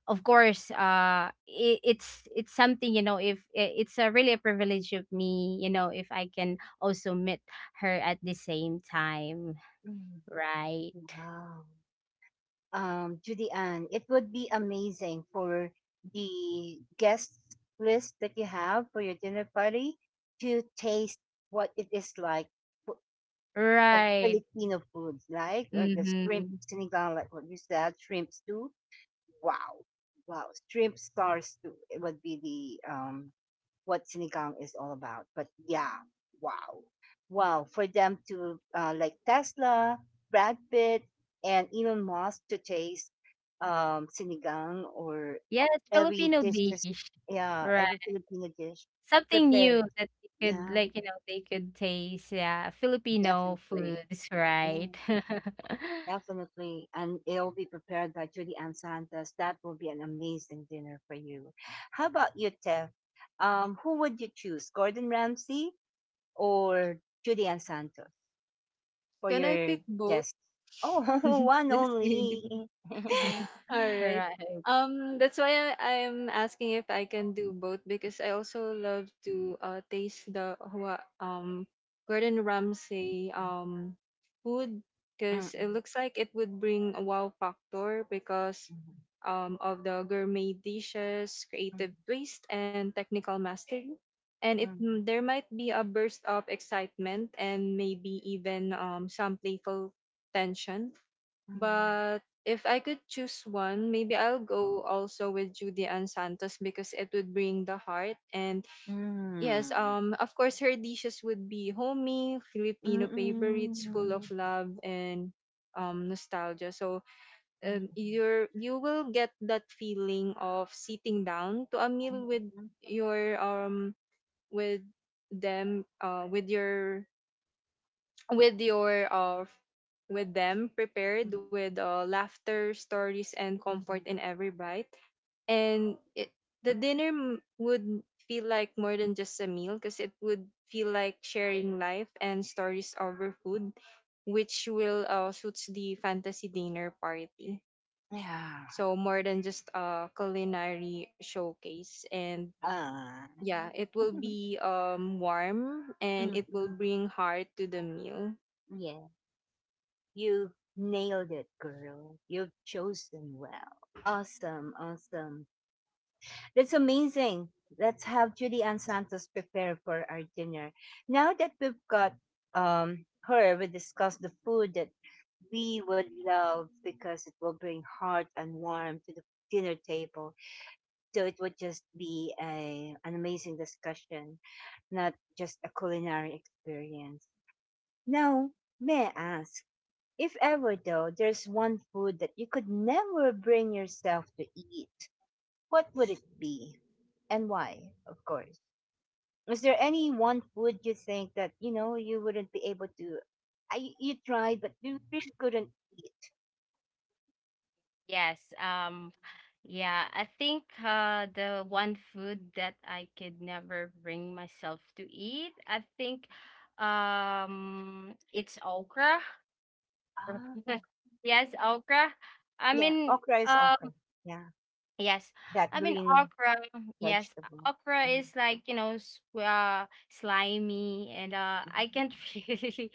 Speaker 2: of course, it's it's something, you know. If I- it's a really a privilege of me, you know, if I can also meet her at the same time,
Speaker 1: Mm.
Speaker 2: right?
Speaker 1: Wow. Judy Ann, it would be amazing for the guest list that you have for your dinner party to taste what it is like for- of
Speaker 2: Right.
Speaker 1: Filipino foods, like the shrimp
Speaker 2: Mhm.
Speaker 1: sinigang, like what you said, shrimp stew. Wow. Wow. Shrimp stars too. It would be the what sinigang is all about. But yeah, wow. Wow. For them to, like Tesla, Brad Pitt, and Elon Musk to taste sinigang, or
Speaker 2: Yes,
Speaker 1: every
Speaker 2: Filipino
Speaker 1: dish is
Speaker 2: dish.
Speaker 1: yeah, every
Speaker 2: Right.
Speaker 1: Filipino dish
Speaker 2: Something new
Speaker 1: prepared.
Speaker 2: that they could,
Speaker 1: Yeah,
Speaker 2: like, you know, they could taste. Yeah, Filipino
Speaker 1: definitely.
Speaker 2: foods,
Speaker 1: Yeah.
Speaker 2: right?
Speaker 1: Definitely, and it'll be prepared by Judy and Santos. That will be an amazing dinner for you. How about you, Tev? Who would you choose, Gordon Ramsay or Judy and Santos, for
Speaker 3: Can I
Speaker 1: your
Speaker 3: pick both?
Speaker 1: desk? Oh, [laughs]
Speaker 3: [laughs]
Speaker 1: one
Speaker 3: Just kidding.
Speaker 1: only. [laughs]
Speaker 2: [laughs]
Speaker 3: [laughs] All right.
Speaker 2: Right.
Speaker 3: That's why I'm asking if I can do both, because I also love to taste the Gordon Ramsay food, because it looks like it would bring a wow factor because of the gourmet dishes, creative twist, and technical mastery. And it mm, there might be a burst of excitement and maybe even some playful tension. But if I could choose one, maybe I'll go also with Judy and Santos, because it would bring the heart. And
Speaker 1: Mm, mm, mm,
Speaker 3: yes,
Speaker 1: mm,
Speaker 3: of course, her dishes would be homey
Speaker 1: mm,
Speaker 3: Filipino
Speaker 1: mm,
Speaker 3: favorites, full of
Speaker 1: mm,
Speaker 3: love and nostalgia. So
Speaker 1: mm,
Speaker 3: you will get that feeling of sitting down to a meal with
Speaker 1: mm,
Speaker 3: your with them with your f- with them, prepared
Speaker 1: mm,
Speaker 3: with laughter, stories, and
Speaker 1: mm,
Speaker 3: comfort
Speaker 1: mm.
Speaker 3: in every bite. And the would feel like more than just a meal, because it would feel like sharing life and stories over food, which will suits the fantasy dinner party.
Speaker 1: Yeah.
Speaker 3: So more than just a culinary showcase, and
Speaker 1: Ah.
Speaker 3: yeah, it will
Speaker 1: [laughs]
Speaker 3: be warm and
Speaker 1: Mhm.
Speaker 3: it will bring heart to the meal.
Speaker 1: Yeah, you nailed it, girl. You've chosen well. Awesome, awesome. That's amazing. Let's have Judy Ann Santos prepare for our dinner. Now that we've got her, we discussed the food that we would love because it will bring heart and warmth to the dinner table. So it would just be a an amazing discussion, not just a culinary experience. Now, may I ask? If ever, though, there's one food that you could never bring yourself to eat, what would it be? And why, of course? Is there any one food you think that, you wouldn't be able to? You tried, but you really couldn't eat.
Speaker 2: Yes. Yeah, I think the one food that I could never bring myself to eat, I think it's okra.
Speaker 1: Ah,
Speaker 2: [laughs] Yes, okra. I
Speaker 1: yeah,
Speaker 2: mean,
Speaker 1: okra is
Speaker 2: uh,
Speaker 1: okra. Yeah,
Speaker 2: yes.
Speaker 1: that
Speaker 2: I mean
Speaker 1: green
Speaker 2: okra. Yes.
Speaker 1: vegetable.
Speaker 2: Okra
Speaker 1: Mhm,
Speaker 2: is like, you know, slimy, and I can't [laughs] really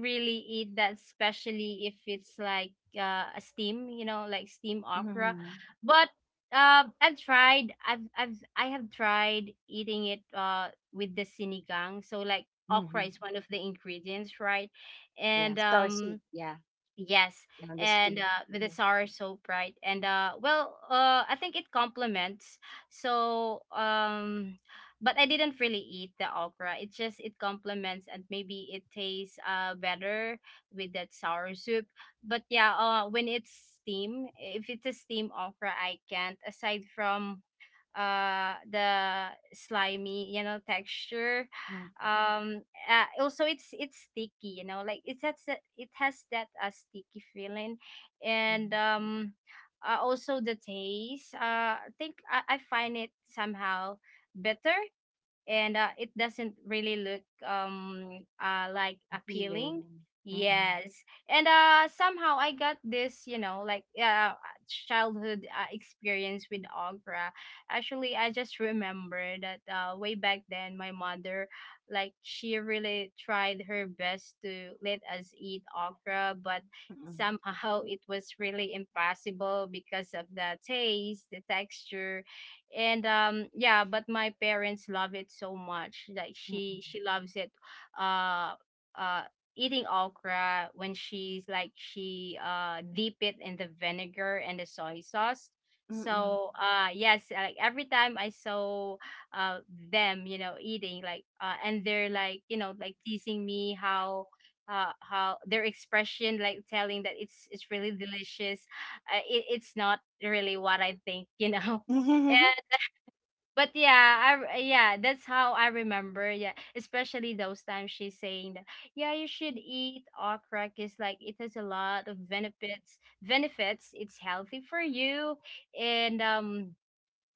Speaker 2: eat that, especially if it's like a steam, you know, like steam
Speaker 1: mhm,
Speaker 2: okra.
Speaker 1: mhm,
Speaker 2: But I've tried, I have tried eating it with the sinigang. So, like, okra
Speaker 1: mhm.
Speaker 2: is one of the ingredients, right?
Speaker 1: Yeah,
Speaker 2: And
Speaker 1: star soup.
Speaker 2: um
Speaker 1: Yeah,
Speaker 2: yes,
Speaker 1: yeah, the stew.
Speaker 2: and with the
Speaker 1: Yeah,
Speaker 2: sour so bright, and I think it complements. So, but I didn't really eat the okra. It just it complements, and maybe it tastes better with that sour soup. But yeah, when it's steam, if it's a steam okra, I can't. Aside from the slimy, you know, texture, [sighs]
Speaker 1: mhm,
Speaker 2: um also it's sticky, you know, like it has that, sticky feeling. And
Speaker 1: mhm.
Speaker 2: Also, the taste, I think I find it somehow better, and it doesn't really look like appealing,
Speaker 1: Feeling. Mm-mm.
Speaker 2: yes. And somehow, I got this, you know, like, childhood experience with okra. Actually, I just remember that way back then, my mother, like, she really tried her best to let us eat okra, but
Speaker 1: Mm-mm.
Speaker 2: somehow it was really impossible because of the taste, the texture. And Yeah, but my parents love it so much, like
Speaker 1: Mm-mm.
Speaker 2: she loves it, uh uh eating okra. When she's like, she dip it in the vinegar and the soy sauce.
Speaker 1: Mm.
Speaker 2: So yes, like every time I saw uh them, you know, eating, like, and they're like, you know, like teasing me how, how their expression like telling that it's really delicious, it's not really what I think, you know. [laughs]
Speaker 1: [laughs]
Speaker 2: But yeah, yeah, that's how I remember. Yeah, especially those times she's saying that, yeah, you should eat okra because, like, it has a lot of benefits. Benefits. It's healthy for you, and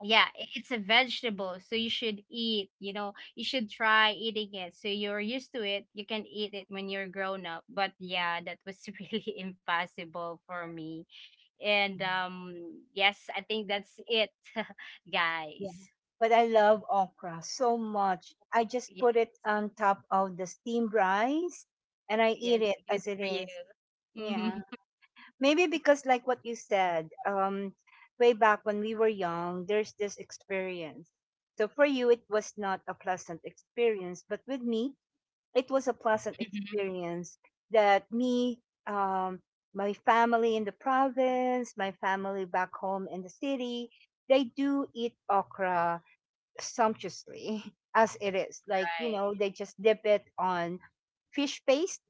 Speaker 2: yeah, it's a vegetable, so you should eat. You know, you should try eating it, so you're used to it. You can eat it when you're grown up. But yeah, that was [laughs] really impossible for me. And yes, I think that's it, [laughs]
Speaker 1: Yeah.
Speaker 2: guys.
Speaker 1: But I love okra so much. I just
Speaker 2: Yeah.
Speaker 1: put it on top of the steamed rice and I eat
Speaker 2: Yes,
Speaker 1: it
Speaker 2: good
Speaker 1: as it
Speaker 2: for you.
Speaker 1: is.
Speaker 2: Mm-hmm.
Speaker 1: Yeah. Maybe because like what you said, way back when we were young, there's this experience. So for you it was not a pleasant experience, but with me it was a pleasant
Speaker 2: [laughs] Hmm.
Speaker 1: experience that me um my family in the province, my family back home in the city, they do eat okra sumptuously [laughs] as it is,
Speaker 2: Right.
Speaker 1: they just dip it on fish paste,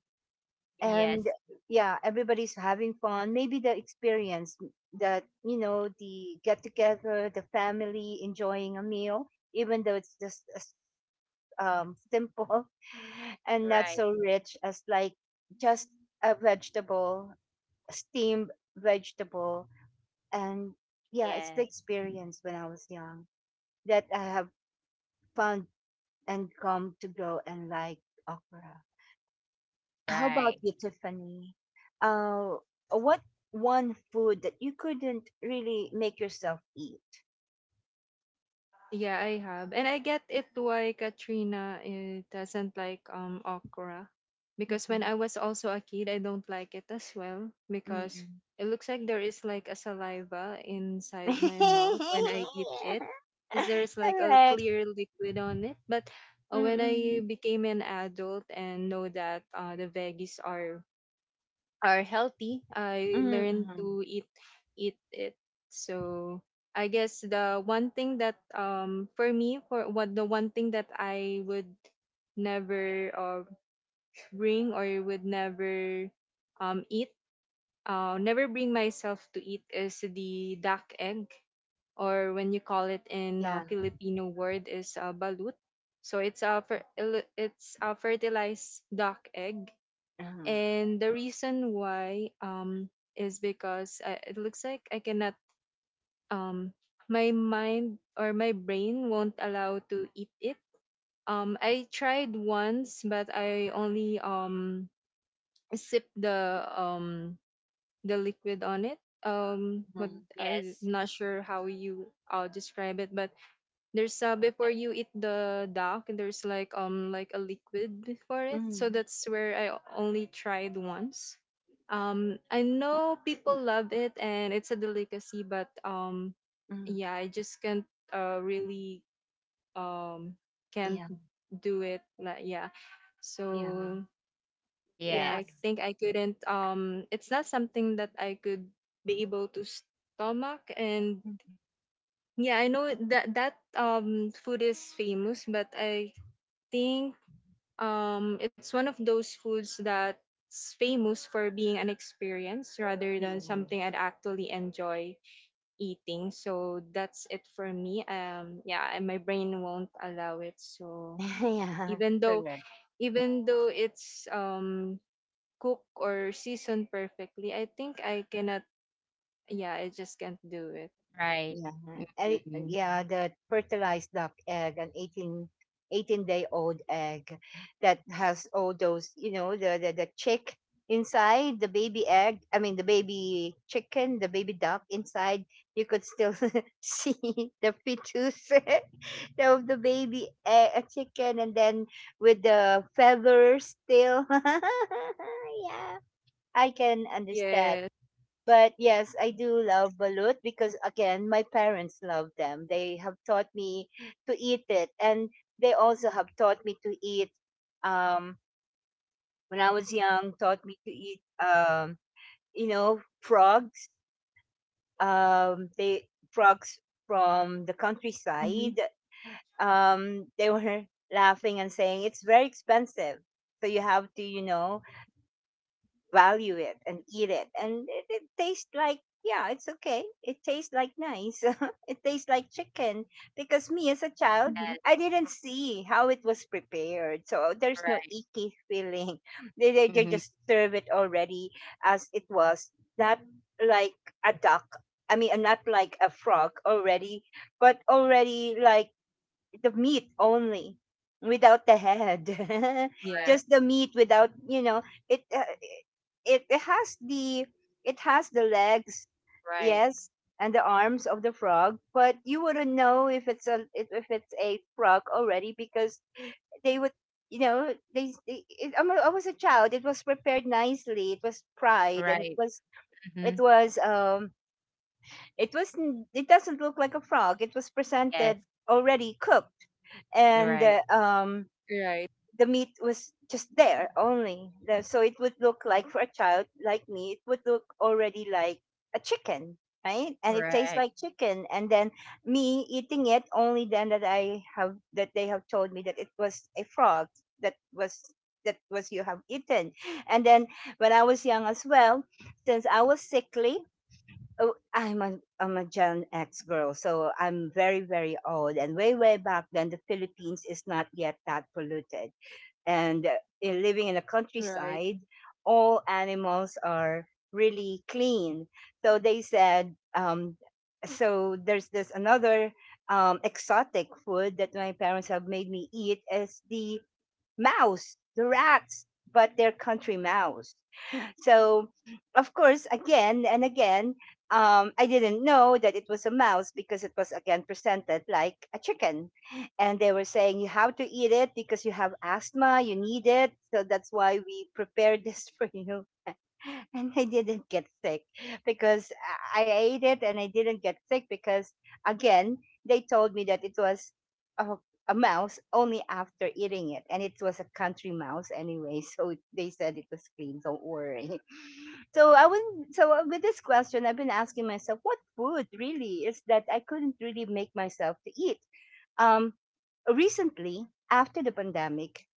Speaker 1: and
Speaker 2: Yes.
Speaker 1: yeah, everybody's having fun. Maybe the experience that the get together the family enjoying a meal, even though it's just a simple [laughs] and not
Speaker 2: Right.
Speaker 1: so rich as like just a vegetable, steamed vegetable. And yeah, it's the
Speaker 2: Yes.
Speaker 1: experience when I was young that I have found and come to grow and like okra. How about
Speaker 2: Right.
Speaker 1: you, Tiffany? Uh, what one food that you couldn't really make yourself eat?
Speaker 3: Yeah, I have. And I get it why Katrina eh, doesn't like okra. Because
Speaker 1: Mm-hmm.
Speaker 3: when I was also a kid, I don't like it as well, because it looks like there is like a saliva inside my mouth when
Speaker 1: Mm-mm.
Speaker 3: I eat it.
Speaker 1: [laughs]
Speaker 3: Because there's like a
Speaker 1: Correct.
Speaker 3: clear liquid on it. But when I
Speaker 1: Mm-mm.
Speaker 3: became an adult and know that the veggies are healthy, I learned
Speaker 1: Mm-mm.
Speaker 3: to eat it. So I guess the one thing that for me for what the one thing that I would never bring or would never eat never bring myself to eat is the duck egg, or when you call it in
Speaker 1: Yeah.
Speaker 3: Filipino word is balut. So it's a fertilized duck egg.
Speaker 1: Uh-huh.
Speaker 3: And the reason why is because I, it looks like I cannot um my mind or my brain won't allow to eat it. I tried once, but I only sip the liquid on it. What,
Speaker 1: Mm-hmm.
Speaker 3: I'm
Speaker 2: Yes.
Speaker 3: not sure how you I'll describe it, but there's before you eat the duck, there's like a liquid before it. So
Speaker 1: Mm-hmm.
Speaker 3: that's where I only tried once. I know people love it and it's a delicacy, but
Speaker 1: Mm-hmm.
Speaker 3: yeah, I just can't really um can't
Speaker 1: Yeah.
Speaker 3: do it. Like yeah,
Speaker 1: Yeah.
Speaker 3: so eh, I
Speaker 1: Yeah.
Speaker 2: Yes.
Speaker 3: think I couldn't it's not something that I could be able to stomach. And yeah, I know that that food is famous, but I think it's one of those foods that's famous for being an experience rather than
Speaker 1: Mm-hmm.
Speaker 3: something I'd actually enjoy eating. So that's it for me. Yeah, and my brain won't allow it. So
Speaker 1: [laughs] Yeah.
Speaker 3: even though
Speaker 1: Correct.
Speaker 3: even though it's cook or season perfectly, I think I cannot. Yeah, I just can't do it.
Speaker 2: Right.
Speaker 1: Yeah, eh,
Speaker 2: Mm-hmm.
Speaker 1: yeah, the fertilized duck egg, an eighteen day old egg that has all those, the chick inside, the baby egg, I mean, the baby chicken, the baby duck inside, you could still [laughs] see the fetus [laughs] of the baby egg, chicken, and then with the feathers still. [laughs] Yeah, I can understand.
Speaker 3: Yes.
Speaker 1: But yes, I do love balut because, again, my parents love them. They have taught me to eat it, and they also have taught me to eat. Um, when I was young, taught me to eat. Frogs. They frogs from the
Speaker 3: Mm-hmm.
Speaker 1: countryside. They were [laughs] laughing and saying it's very expensive, so you have to, value it and eat it, and it tastes like, yeah, it's okay, it tastes like nice. [laughs] It tastes like chicken because me as a child
Speaker 3: Mm-hmm.
Speaker 2: Yes.
Speaker 1: I didn't see how it was prepared, so there's no
Speaker 2: Right.
Speaker 1: icky feeling. [laughs] They
Speaker 2: Mm-hmm.
Speaker 1: just serve it already as it was, not like a duck, I mean, not like a frog already, but already like the meat only without the head. [laughs]
Speaker 3: Yes.
Speaker 2: Right.
Speaker 1: Just the meat without, it, it it has the it has the legs,
Speaker 2: Right.
Speaker 1: yes, and the arms of the frog, but you wouldn't know if it's a frog already, because they would they it, I'm a, I was a child. It was prepared nicely. It was fried and it
Speaker 2: Right.
Speaker 1: was it
Speaker 2: Mm-hmm.
Speaker 1: was it wasn't it doesn't look like a frog. It was
Speaker 2: Yes.
Speaker 1: presented already cooked, and
Speaker 2: Right.
Speaker 3: Right.
Speaker 1: the meat was just there only. So it would look like, for a child like me, it would look already like a chicken, right? And it tastes
Speaker 2: Right.
Speaker 1: like chicken. And then me eating it, only then that I have that they have told me that it was a frog, that was that was you have eaten. And then when I was young as well, since I was sickly, oh, I'm a Gen X girl, so I'm very very old. And way way back then, the Philippines is not yet that polluted, and in living in the
Speaker 3: Right.
Speaker 1: countryside, all animals are really clean. So they said, so there's this another, exotic food that my parents have made me eat is the mouse, the rats, but they're country mouse. So, of course, again and again, I didn't know that it was a mouse because it was again presented like a chicken. And they were saying, you have to eat it because you have asthma, you need it. So that's why we prepared [laughs] this for you. [laughs] And I didn't get sick because I ate it and I didn't get sick because, again, they told me that it was a, a mouse only after eating it. And it was a country mouse anyway. [laughs] So they said it was clean. Don't worry. So I wouldn't. So with this question, I've been asking myself, what food really is that I couldn't really make myself to eat? Um, recently, after the pandemic,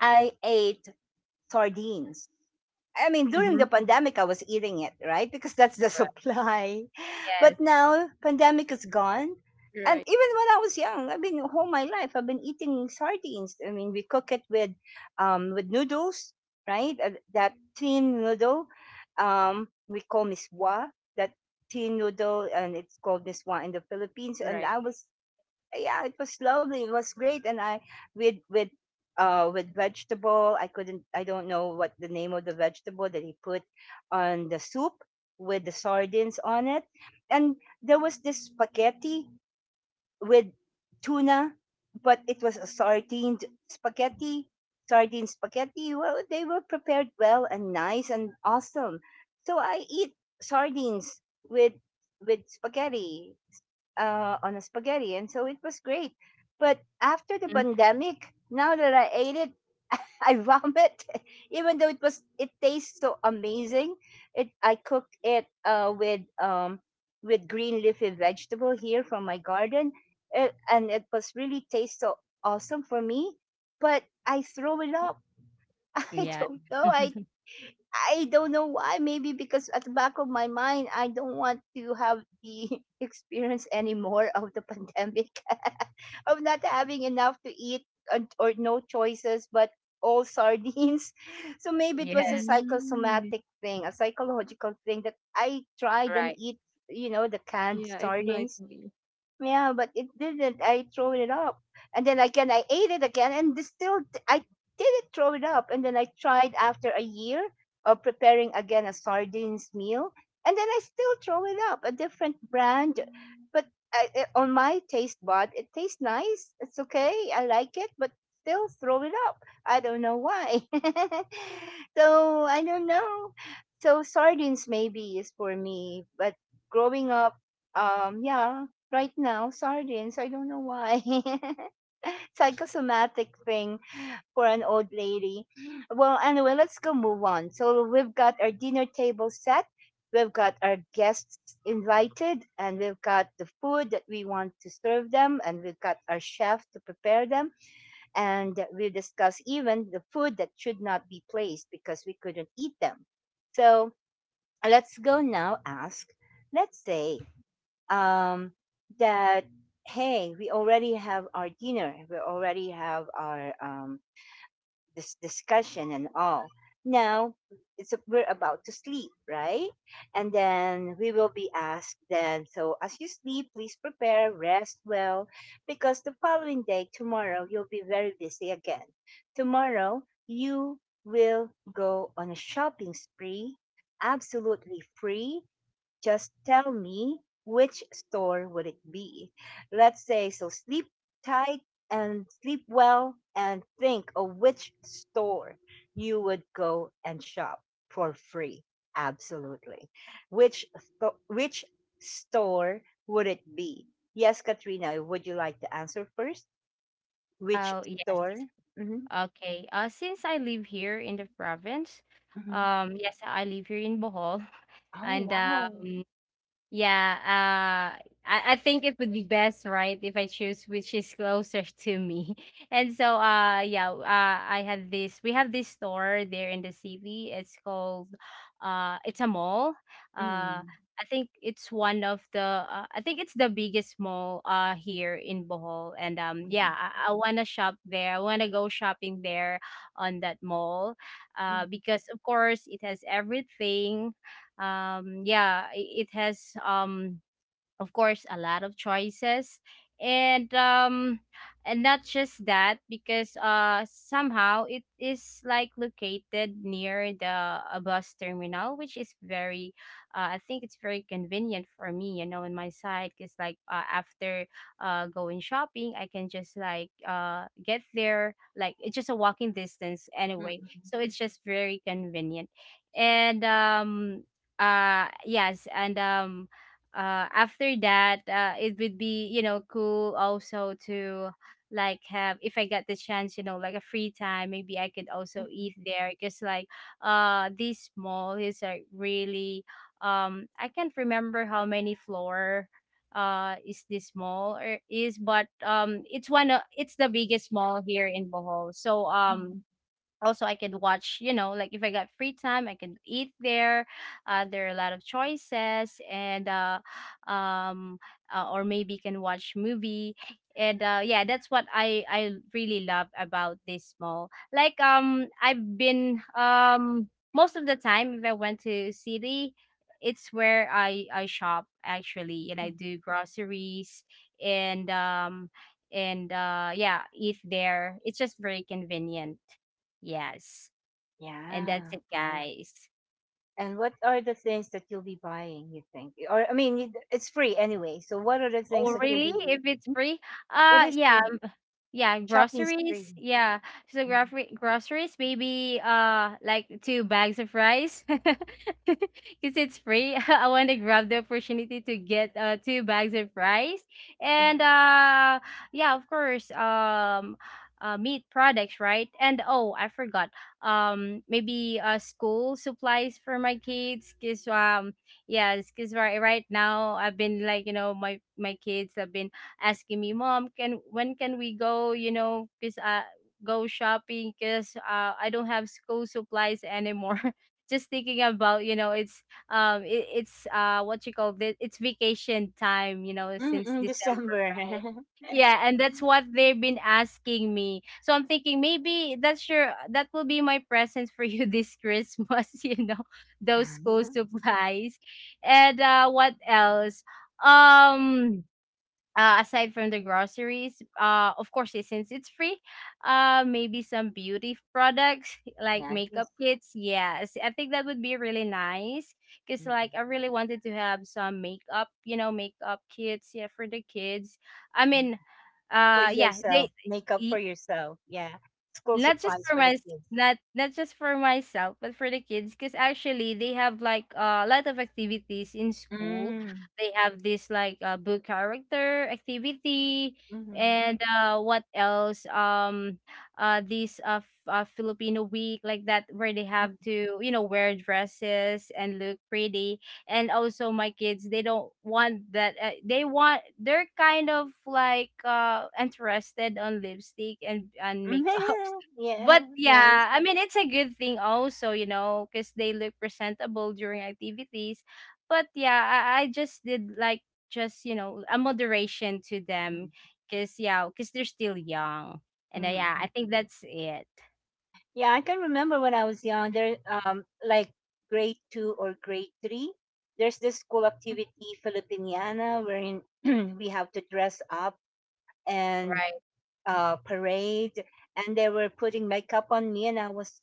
Speaker 1: I ate sardines. I mean, during the
Speaker 2: Mm-hmm.
Speaker 1: pandemic, I was eating it, right? Because that's the
Speaker 2: Right.
Speaker 1: supply. [laughs] But
Speaker 2: Yes.
Speaker 1: now, pandemic is gone. And
Speaker 3: Right.
Speaker 1: even when I was young, I've been all my life, I've been eating sardines. I mean, we cook it with noodles, right? That thin noodle, we call miswa, that thin noodle, and it's called miswa in the Philippines. And
Speaker 3: Right.
Speaker 1: I was yeah, it was lovely. It was great, and I with with with vegetable. I couldn't. I don't know what the name of the vegetable that he put on the soup with the sardines on it, and there was this spaghetti with tuna, but it was a sardine spaghetti. Sardine spaghetti. Well, they were prepared well and nice and awesome. So I eat sardines with with spaghetti on a spaghetti, and so it was great. But after the
Speaker 2: Mm-hmm.
Speaker 1: pandemic, now that I ate it, [laughs] I vomit. [laughs] Even though it tastes so amazing. It I cooked it with green leafy vegetable here from my garden, and it was really tastes so awesome for me. But I throw it up. [laughs] I
Speaker 2: Yes.
Speaker 1: don't know. I
Speaker 2: [laughs]
Speaker 1: I don't know why. Maybe because at the back of my mind, I don't want to have the [laughs] experience anymore of the pandemic, [laughs] of not having enough to eat or no choices, but all sardines. [laughs] So maybe it was a
Speaker 2: Yes.
Speaker 3: Mm.
Speaker 1: psychosomatic thing, a psychological thing that I tried and
Speaker 2: Right.
Speaker 1: eat, the canned
Speaker 3: Yeah, it might
Speaker 1: sardines,
Speaker 3: be.
Speaker 1: yeah, but it didn't. I throw it up, and then again I ate it again, and I didn't throw it up. And then I tried after a year of preparing again a sardines meal, and then I still throw it up. A different brand, but on my taste bud, it tastes nice. It's okay. I like it, but still throw it up. I don't know why. [laughs] So I don't know. So sardines maybe is for me, but growing up, yeah, right now, sardines. I don't know why. [laughs] Psychosomatic thing for an old lady. Well, anyway, let's go move on. So we've got our dinner table set. We've got our guests invited and we've got the food that we want to serve them and we've got our chef to prepare them and we discuss even the food that should not be placed because we couldn't eat them. So let's go now ask, let's say um, that hey, we already have our dinner, we already have our this discussion and all. Now it's we're about to sleep, right? And then we will be asked then. So as you sleep, please prepare, rest well, because the following day, tomorrow, you'll be very busy again. Tomorrow you will go on a shopping spree, absolutely free, just tell me, which store would it be? Let's say, so sleep tight and sleep well and think of which store you would go and shop for free. Absolutely. Which store would it be? Yes, Katrina, would you like to answer first? Which
Speaker 2: Oh, yes.
Speaker 1: store? Mm-hmm,
Speaker 2: Okay. Since I live here in the province,
Speaker 1: mm-hmm.
Speaker 2: yes, I live here in Bohol, [laughs]
Speaker 1: Oh,
Speaker 2: and
Speaker 1: wow.
Speaker 2: yeah, I think it would be best, right, if I choose which is closer to me. [laughs] And so, uh, yeah, uh, I had this. We have this store there in the city. It's called, it's a mall. Uh,
Speaker 1: Mm-hmm,
Speaker 2: I think it's one of the. I think it's the biggest mall here in Bohol, and yeah,
Speaker 1: mm-hmm,
Speaker 2: I wanna shop there. I wanna go shopping there on that mall,
Speaker 1: mm-hmm,
Speaker 2: because, of course, it has everything, yeah, it has, of course, a lot of choices. and um and not just that, because somehow it is like located near the a bus terminal, which is very, I think it's very convenient for me, you know, on my side, because like, after going shopping, I can just, like, get there, like, it's just a walking distance anyway,
Speaker 1: mm-hmm,
Speaker 2: so it's just very convenient. And yes and After that, it would be, you know, cool also to, like, have, if I get the chance, you know, like, a free time, maybe I could also
Speaker 1: mm-hmm.
Speaker 2: eat there, because, like, this mall is, like, really, I can't remember how many floor is this mall or is, but, it's one of it's the biggest mall here in Bohol. So,
Speaker 1: Mm-hmm.
Speaker 2: um, also, I can watch, you know, like, if I got free time, I can eat there. There are a lot of choices, and um, or maybe can watch movie. And yeah, that's what I really love about this mall. Like, I've been, most of the time, if I went to city, it's where I shop, actually, and I do groceries. And um and Yeah, eat there. It's just very convenient. Yes. And that's it,
Speaker 1: Yeah,
Speaker 2: guys.
Speaker 1: and what are the things that you'll be buying, you think? Or, I mean, it's free anyway. So, what are the things
Speaker 2: Oh,
Speaker 1: that you'll
Speaker 2: really?
Speaker 1: be?
Speaker 2: If it's
Speaker 1: Mm.
Speaker 2: free?
Speaker 1: It
Speaker 2: Uh,
Speaker 1: is
Speaker 2: yeah,
Speaker 1: free.
Speaker 2: Yeah,
Speaker 1: Shopping's free.
Speaker 2: groceries. Yeah. So
Speaker 1: Mhm.
Speaker 2: grocery groceries, maybe like two bags of rice. [laughs] Because it's free. [laughs] I want to grab the opportunity to get two bags of rice.
Speaker 1: Uh,
Speaker 2: And yeah, of course, meat products, right? And oh, I forgot. Maybe school supplies for my kids. Cause yeah, cause right now I've been, like, you know, my kids have been asking me, "Mom, can when can we go, you know, cuz go shopping, cuz I don't have school supplies anymore." [laughs] Just thinking about, you know, it's it's what you call this, it's vacation time, you know,
Speaker 1: mm,
Speaker 2: since
Speaker 1: mm,
Speaker 2: December,
Speaker 1: December. [laughs]
Speaker 2: right? Yeah, and that's what they've been asking me. So I'm thinking, maybe that's your that will be my present for you [laughs] this Christmas, [laughs] you know, those school
Speaker 1: Uh-huh.
Speaker 2: supplies. And What else, um, aside from the groceries, of course, since it's free, maybe some beauty products [laughs] like makeup
Speaker 1: Nice.
Speaker 2: kits. Yes, I think that would be really nice because,
Speaker 1: Mm,
Speaker 2: like, I really wanted to have some makeup, you know, makeup kits, yeah, for the kids. I
Speaker 1: mm.
Speaker 2: mean,
Speaker 1: For
Speaker 2: yeah,
Speaker 1: yourself,
Speaker 2: they,
Speaker 1: makeup for yourself. Yeah. School
Speaker 2: not just
Speaker 1: supplies
Speaker 2: for
Speaker 1: for the
Speaker 2: my,
Speaker 1: kids.
Speaker 2: not just for myself, but for the kids, because actually they have like, a lot of activities in school.
Speaker 1: Mm.
Speaker 2: They have this, like, book character activity.
Speaker 1: Mm-hmm.
Speaker 2: And What else, um, Filipino week, like that, where they have to, you know, wear dresses and look pretty. And also my kids, they don't want that, they want, they're kind of, like, interested on lipstick and makeup.
Speaker 1: [laughs]
Speaker 2: [laughs]
Speaker 1: Yeah,
Speaker 2: But
Speaker 1: nice.
Speaker 2: yeah, I mean, it's a good thing also, you know, because they look presentable during activities. But yeah, I just did, like, just, you know, a moderation to them, because yeah, because they're still young, and
Speaker 1: Mm.
Speaker 2: yeah, I think that's it.
Speaker 1: Yeah, I can remember when I was young, there like grade two or grade three, there's this school activity Filipiniana wherein [clears throat] we have to dress up and
Speaker 2: Right.
Speaker 1: parade and they were putting makeup on me and I was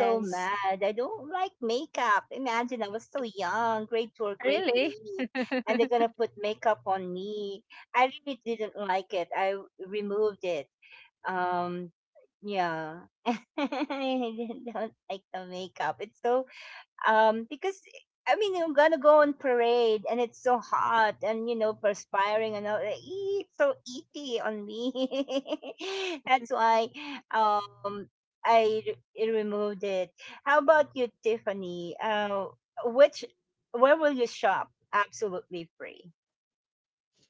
Speaker 1: so mad. I don't like makeup. Imagine I was so young, grade two or grade
Speaker 2: Really?
Speaker 1: three,
Speaker 2: [laughs]
Speaker 1: and they're gonna put makeup on me. I really didn't like it. I removed it. Um yeah. [laughs] I don't like the makeup. It's so because I mean you're gonna go on parade and it's so hot and perspiring and all ee, it's so icky on me. [laughs] That's why um I removed it. How about you, Tiffany? Which where will you shop absolutely free?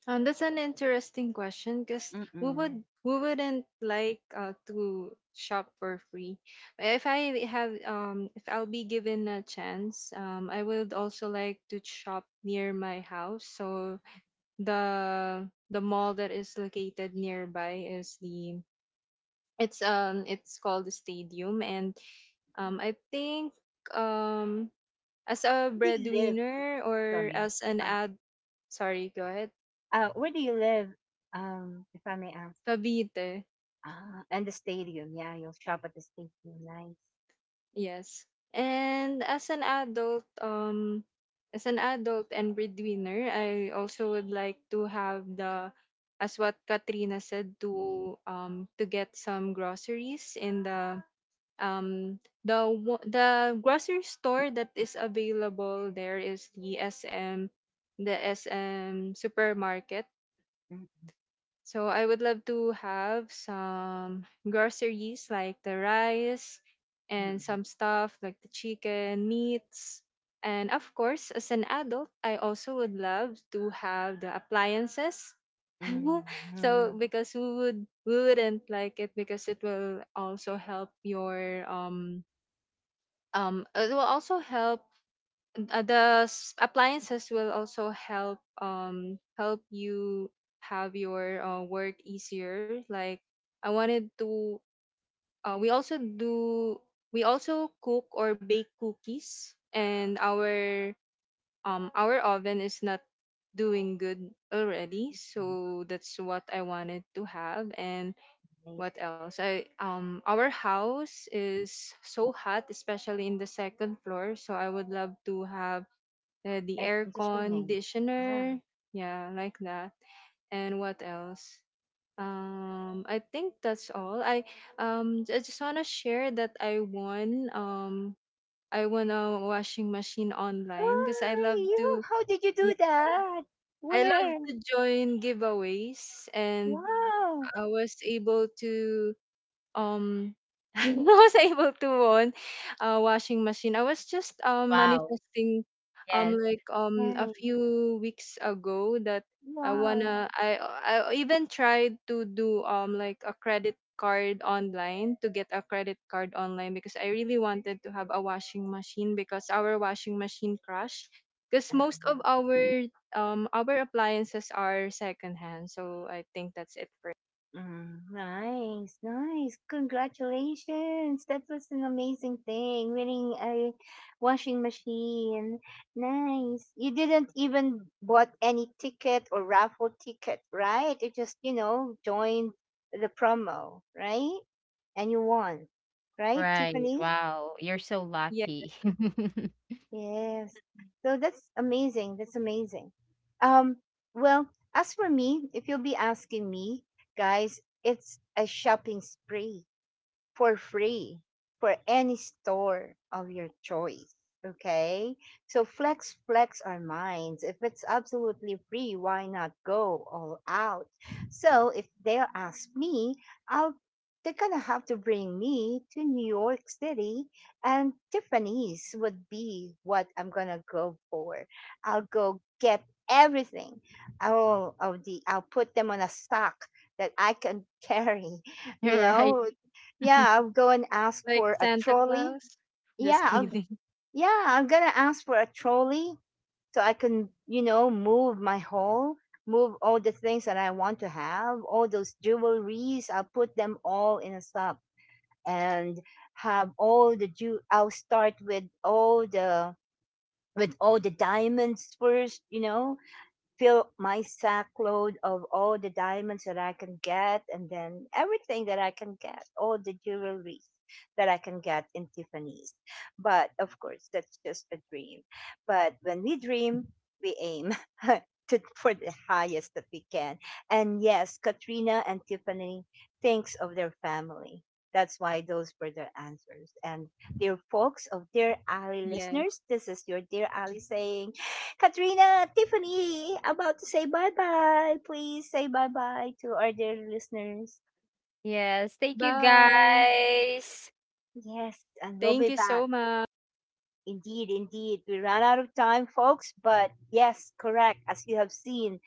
Speaker 3: That's an interesting question, because
Speaker 1: Mm-mm.
Speaker 3: we wouldn't like to shop for free. If I have if I'll be given a chance, I would also like to shop near my house. So the mall that is located nearby is the it's called the Stadium. And I think um as a
Speaker 1: Where do you live?
Speaker 3: breadwinner or
Speaker 1: Sorry.
Speaker 3: as an
Speaker 1: Uh,
Speaker 3: ad, sorry, go ahead.
Speaker 1: where do you live? If I may ask.
Speaker 3: Cavite.
Speaker 1: Ah, and the stadium, yeah, you'll shop at the stadium. Nice.
Speaker 3: Yes. And as an adult and breadwinner, I also would like to have the, as what Katrina said, to get some groceries in the um the grocery store that is available there is the SM Supermarket.
Speaker 1: Mm,
Speaker 3: So I would love to have some groceries like the rice, and
Speaker 1: mm,
Speaker 3: some stuff like the chicken, meats. And of course, as an adult, I also would love to have the appliances.
Speaker 1: mm,
Speaker 3: [laughs] So
Speaker 1: mm,
Speaker 3: because we wouldn't like it, because it will also help your it will also help appliances will also help help you have your work easier, like I wanted to we also do we also cook or bake cookies, and our oven is not doing good already,
Speaker 1: mm.
Speaker 3: so that's what I wanted to have. And
Speaker 1: Nice.
Speaker 3: what else? I our house is so hot, especially in the second floor. So I would love to have the
Speaker 1: Air
Speaker 3: air
Speaker 1: conditioning. Yeah.
Speaker 3: conditioner. Yeah, like that. And what else? I think that's all. I just wanna share that I won a washing machine online, because I love
Speaker 1: Oh, you,
Speaker 3: to
Speaker 1: how did you
Speaker 3: yeah
Speaker 1: do that?
Speaker 3: I love
Speaker 1: Where?
Speaker 3: to join giveaways. And
Speaker 1: Wow.
Speaker 3: I was able to um [laughs] I was able to own a washing machine. I was just
Speaker 2: Wow.
Speaker 3: manifesting
Speaker 2: Yes.
Speaker 3: like a
Speaker 1: Nice.
Speaker 3: few weeks ago, that I
Speaker 1: Wow.
Speaker 3: wanna I even tried to do like a credit card online, to get a credit card online, because I really wanted to have a washing machine, because our washing machine crashed, because
Speaker 1: Ah,
Speaker 3: most of our appliances are secondhand. So I think that's it for
Speaker 1: mm, nice, nice. Congratulations. That was an amazing thing. Winning a washing machine. Nice. You didn't even bought any ticket or raffle ticket, right? You just, joined the promo, right? And you won, right,
Speaker 2: Right.
Speaker 1: Tiffany?
Speaker 2: Wow. You're so
Speaker 3: yeah.
Speaker 2: lucky. [laughs]
Speaker 1: Yes. So that's amazing. That's amazing. Um, well, as for me, if you'll be asking me, guys, it's a shopping spree for free for any store of your choice. Okay? So flex our minds. If it's absolutely free, why not go all out? So if they'll ask me, I'll they're gonna have to bring me to New York City and Tiffany's would be what I'm gonna go for. I'll go get everything. All of the I'll put them on a stock that I can carry [laughs] you
Speaker 2: You're right.
Speaker 1: know, yeah, I'll go and ask
Speaker 3: Like
Speaker 1: for a
Speaker 3: Santa
Speaker 1: trolley.
Speaker 3: Claus? Just
Speaker 1: Yeah,
Speaker 3: kidding. [laughs]
Speaker 1: yeah, I'm gonna ask for a trolley so I can, move my haul, move all the things that I want to have, all those jewelries. I'll put them all in a stuff and have all the ju. I'll start with all the diamonds first, fill my sack load of all the diamonds that I can get, and then everything that I can get, all the jewelry that I can get in Tiffany's. But of course, that's just a dream. But when we dream, we aim [laughs] for the highest that we can. And yes, Katrina and Tiffany thinks of their family. That's why those were their answers. And dear folks of Dear Ali
Speaker 3: Yes.
Speaker 1: listeners, this is your Dear Ali saying Katrina, Tiffany, about to say bye bye. Please say bye bye to our dear listeners.
Speaker 2: Yes. Thank you
Speaker 3: Bye.
Speaker 2: guys.
Speaker 1: Yes, and we'll
Speaker 3: Thank
Speaker 1: be
Speaker 3: you
Speaker 1: back.
Speaker 3: so much.
Speaker 1: Indeed, indeed. We ran out of time, folks, but yes, correct. As you have seen,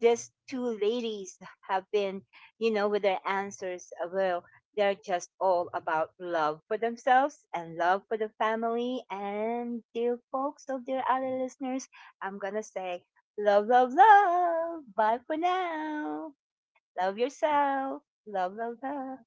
Speaker 1: these two ladies have been, with their answers. Well, they're just all about love for themselves and love for the family. And dear folks, so dear other listeners, I'm going to say love, love, love. Bye for now. Love yourself. Love, love, love.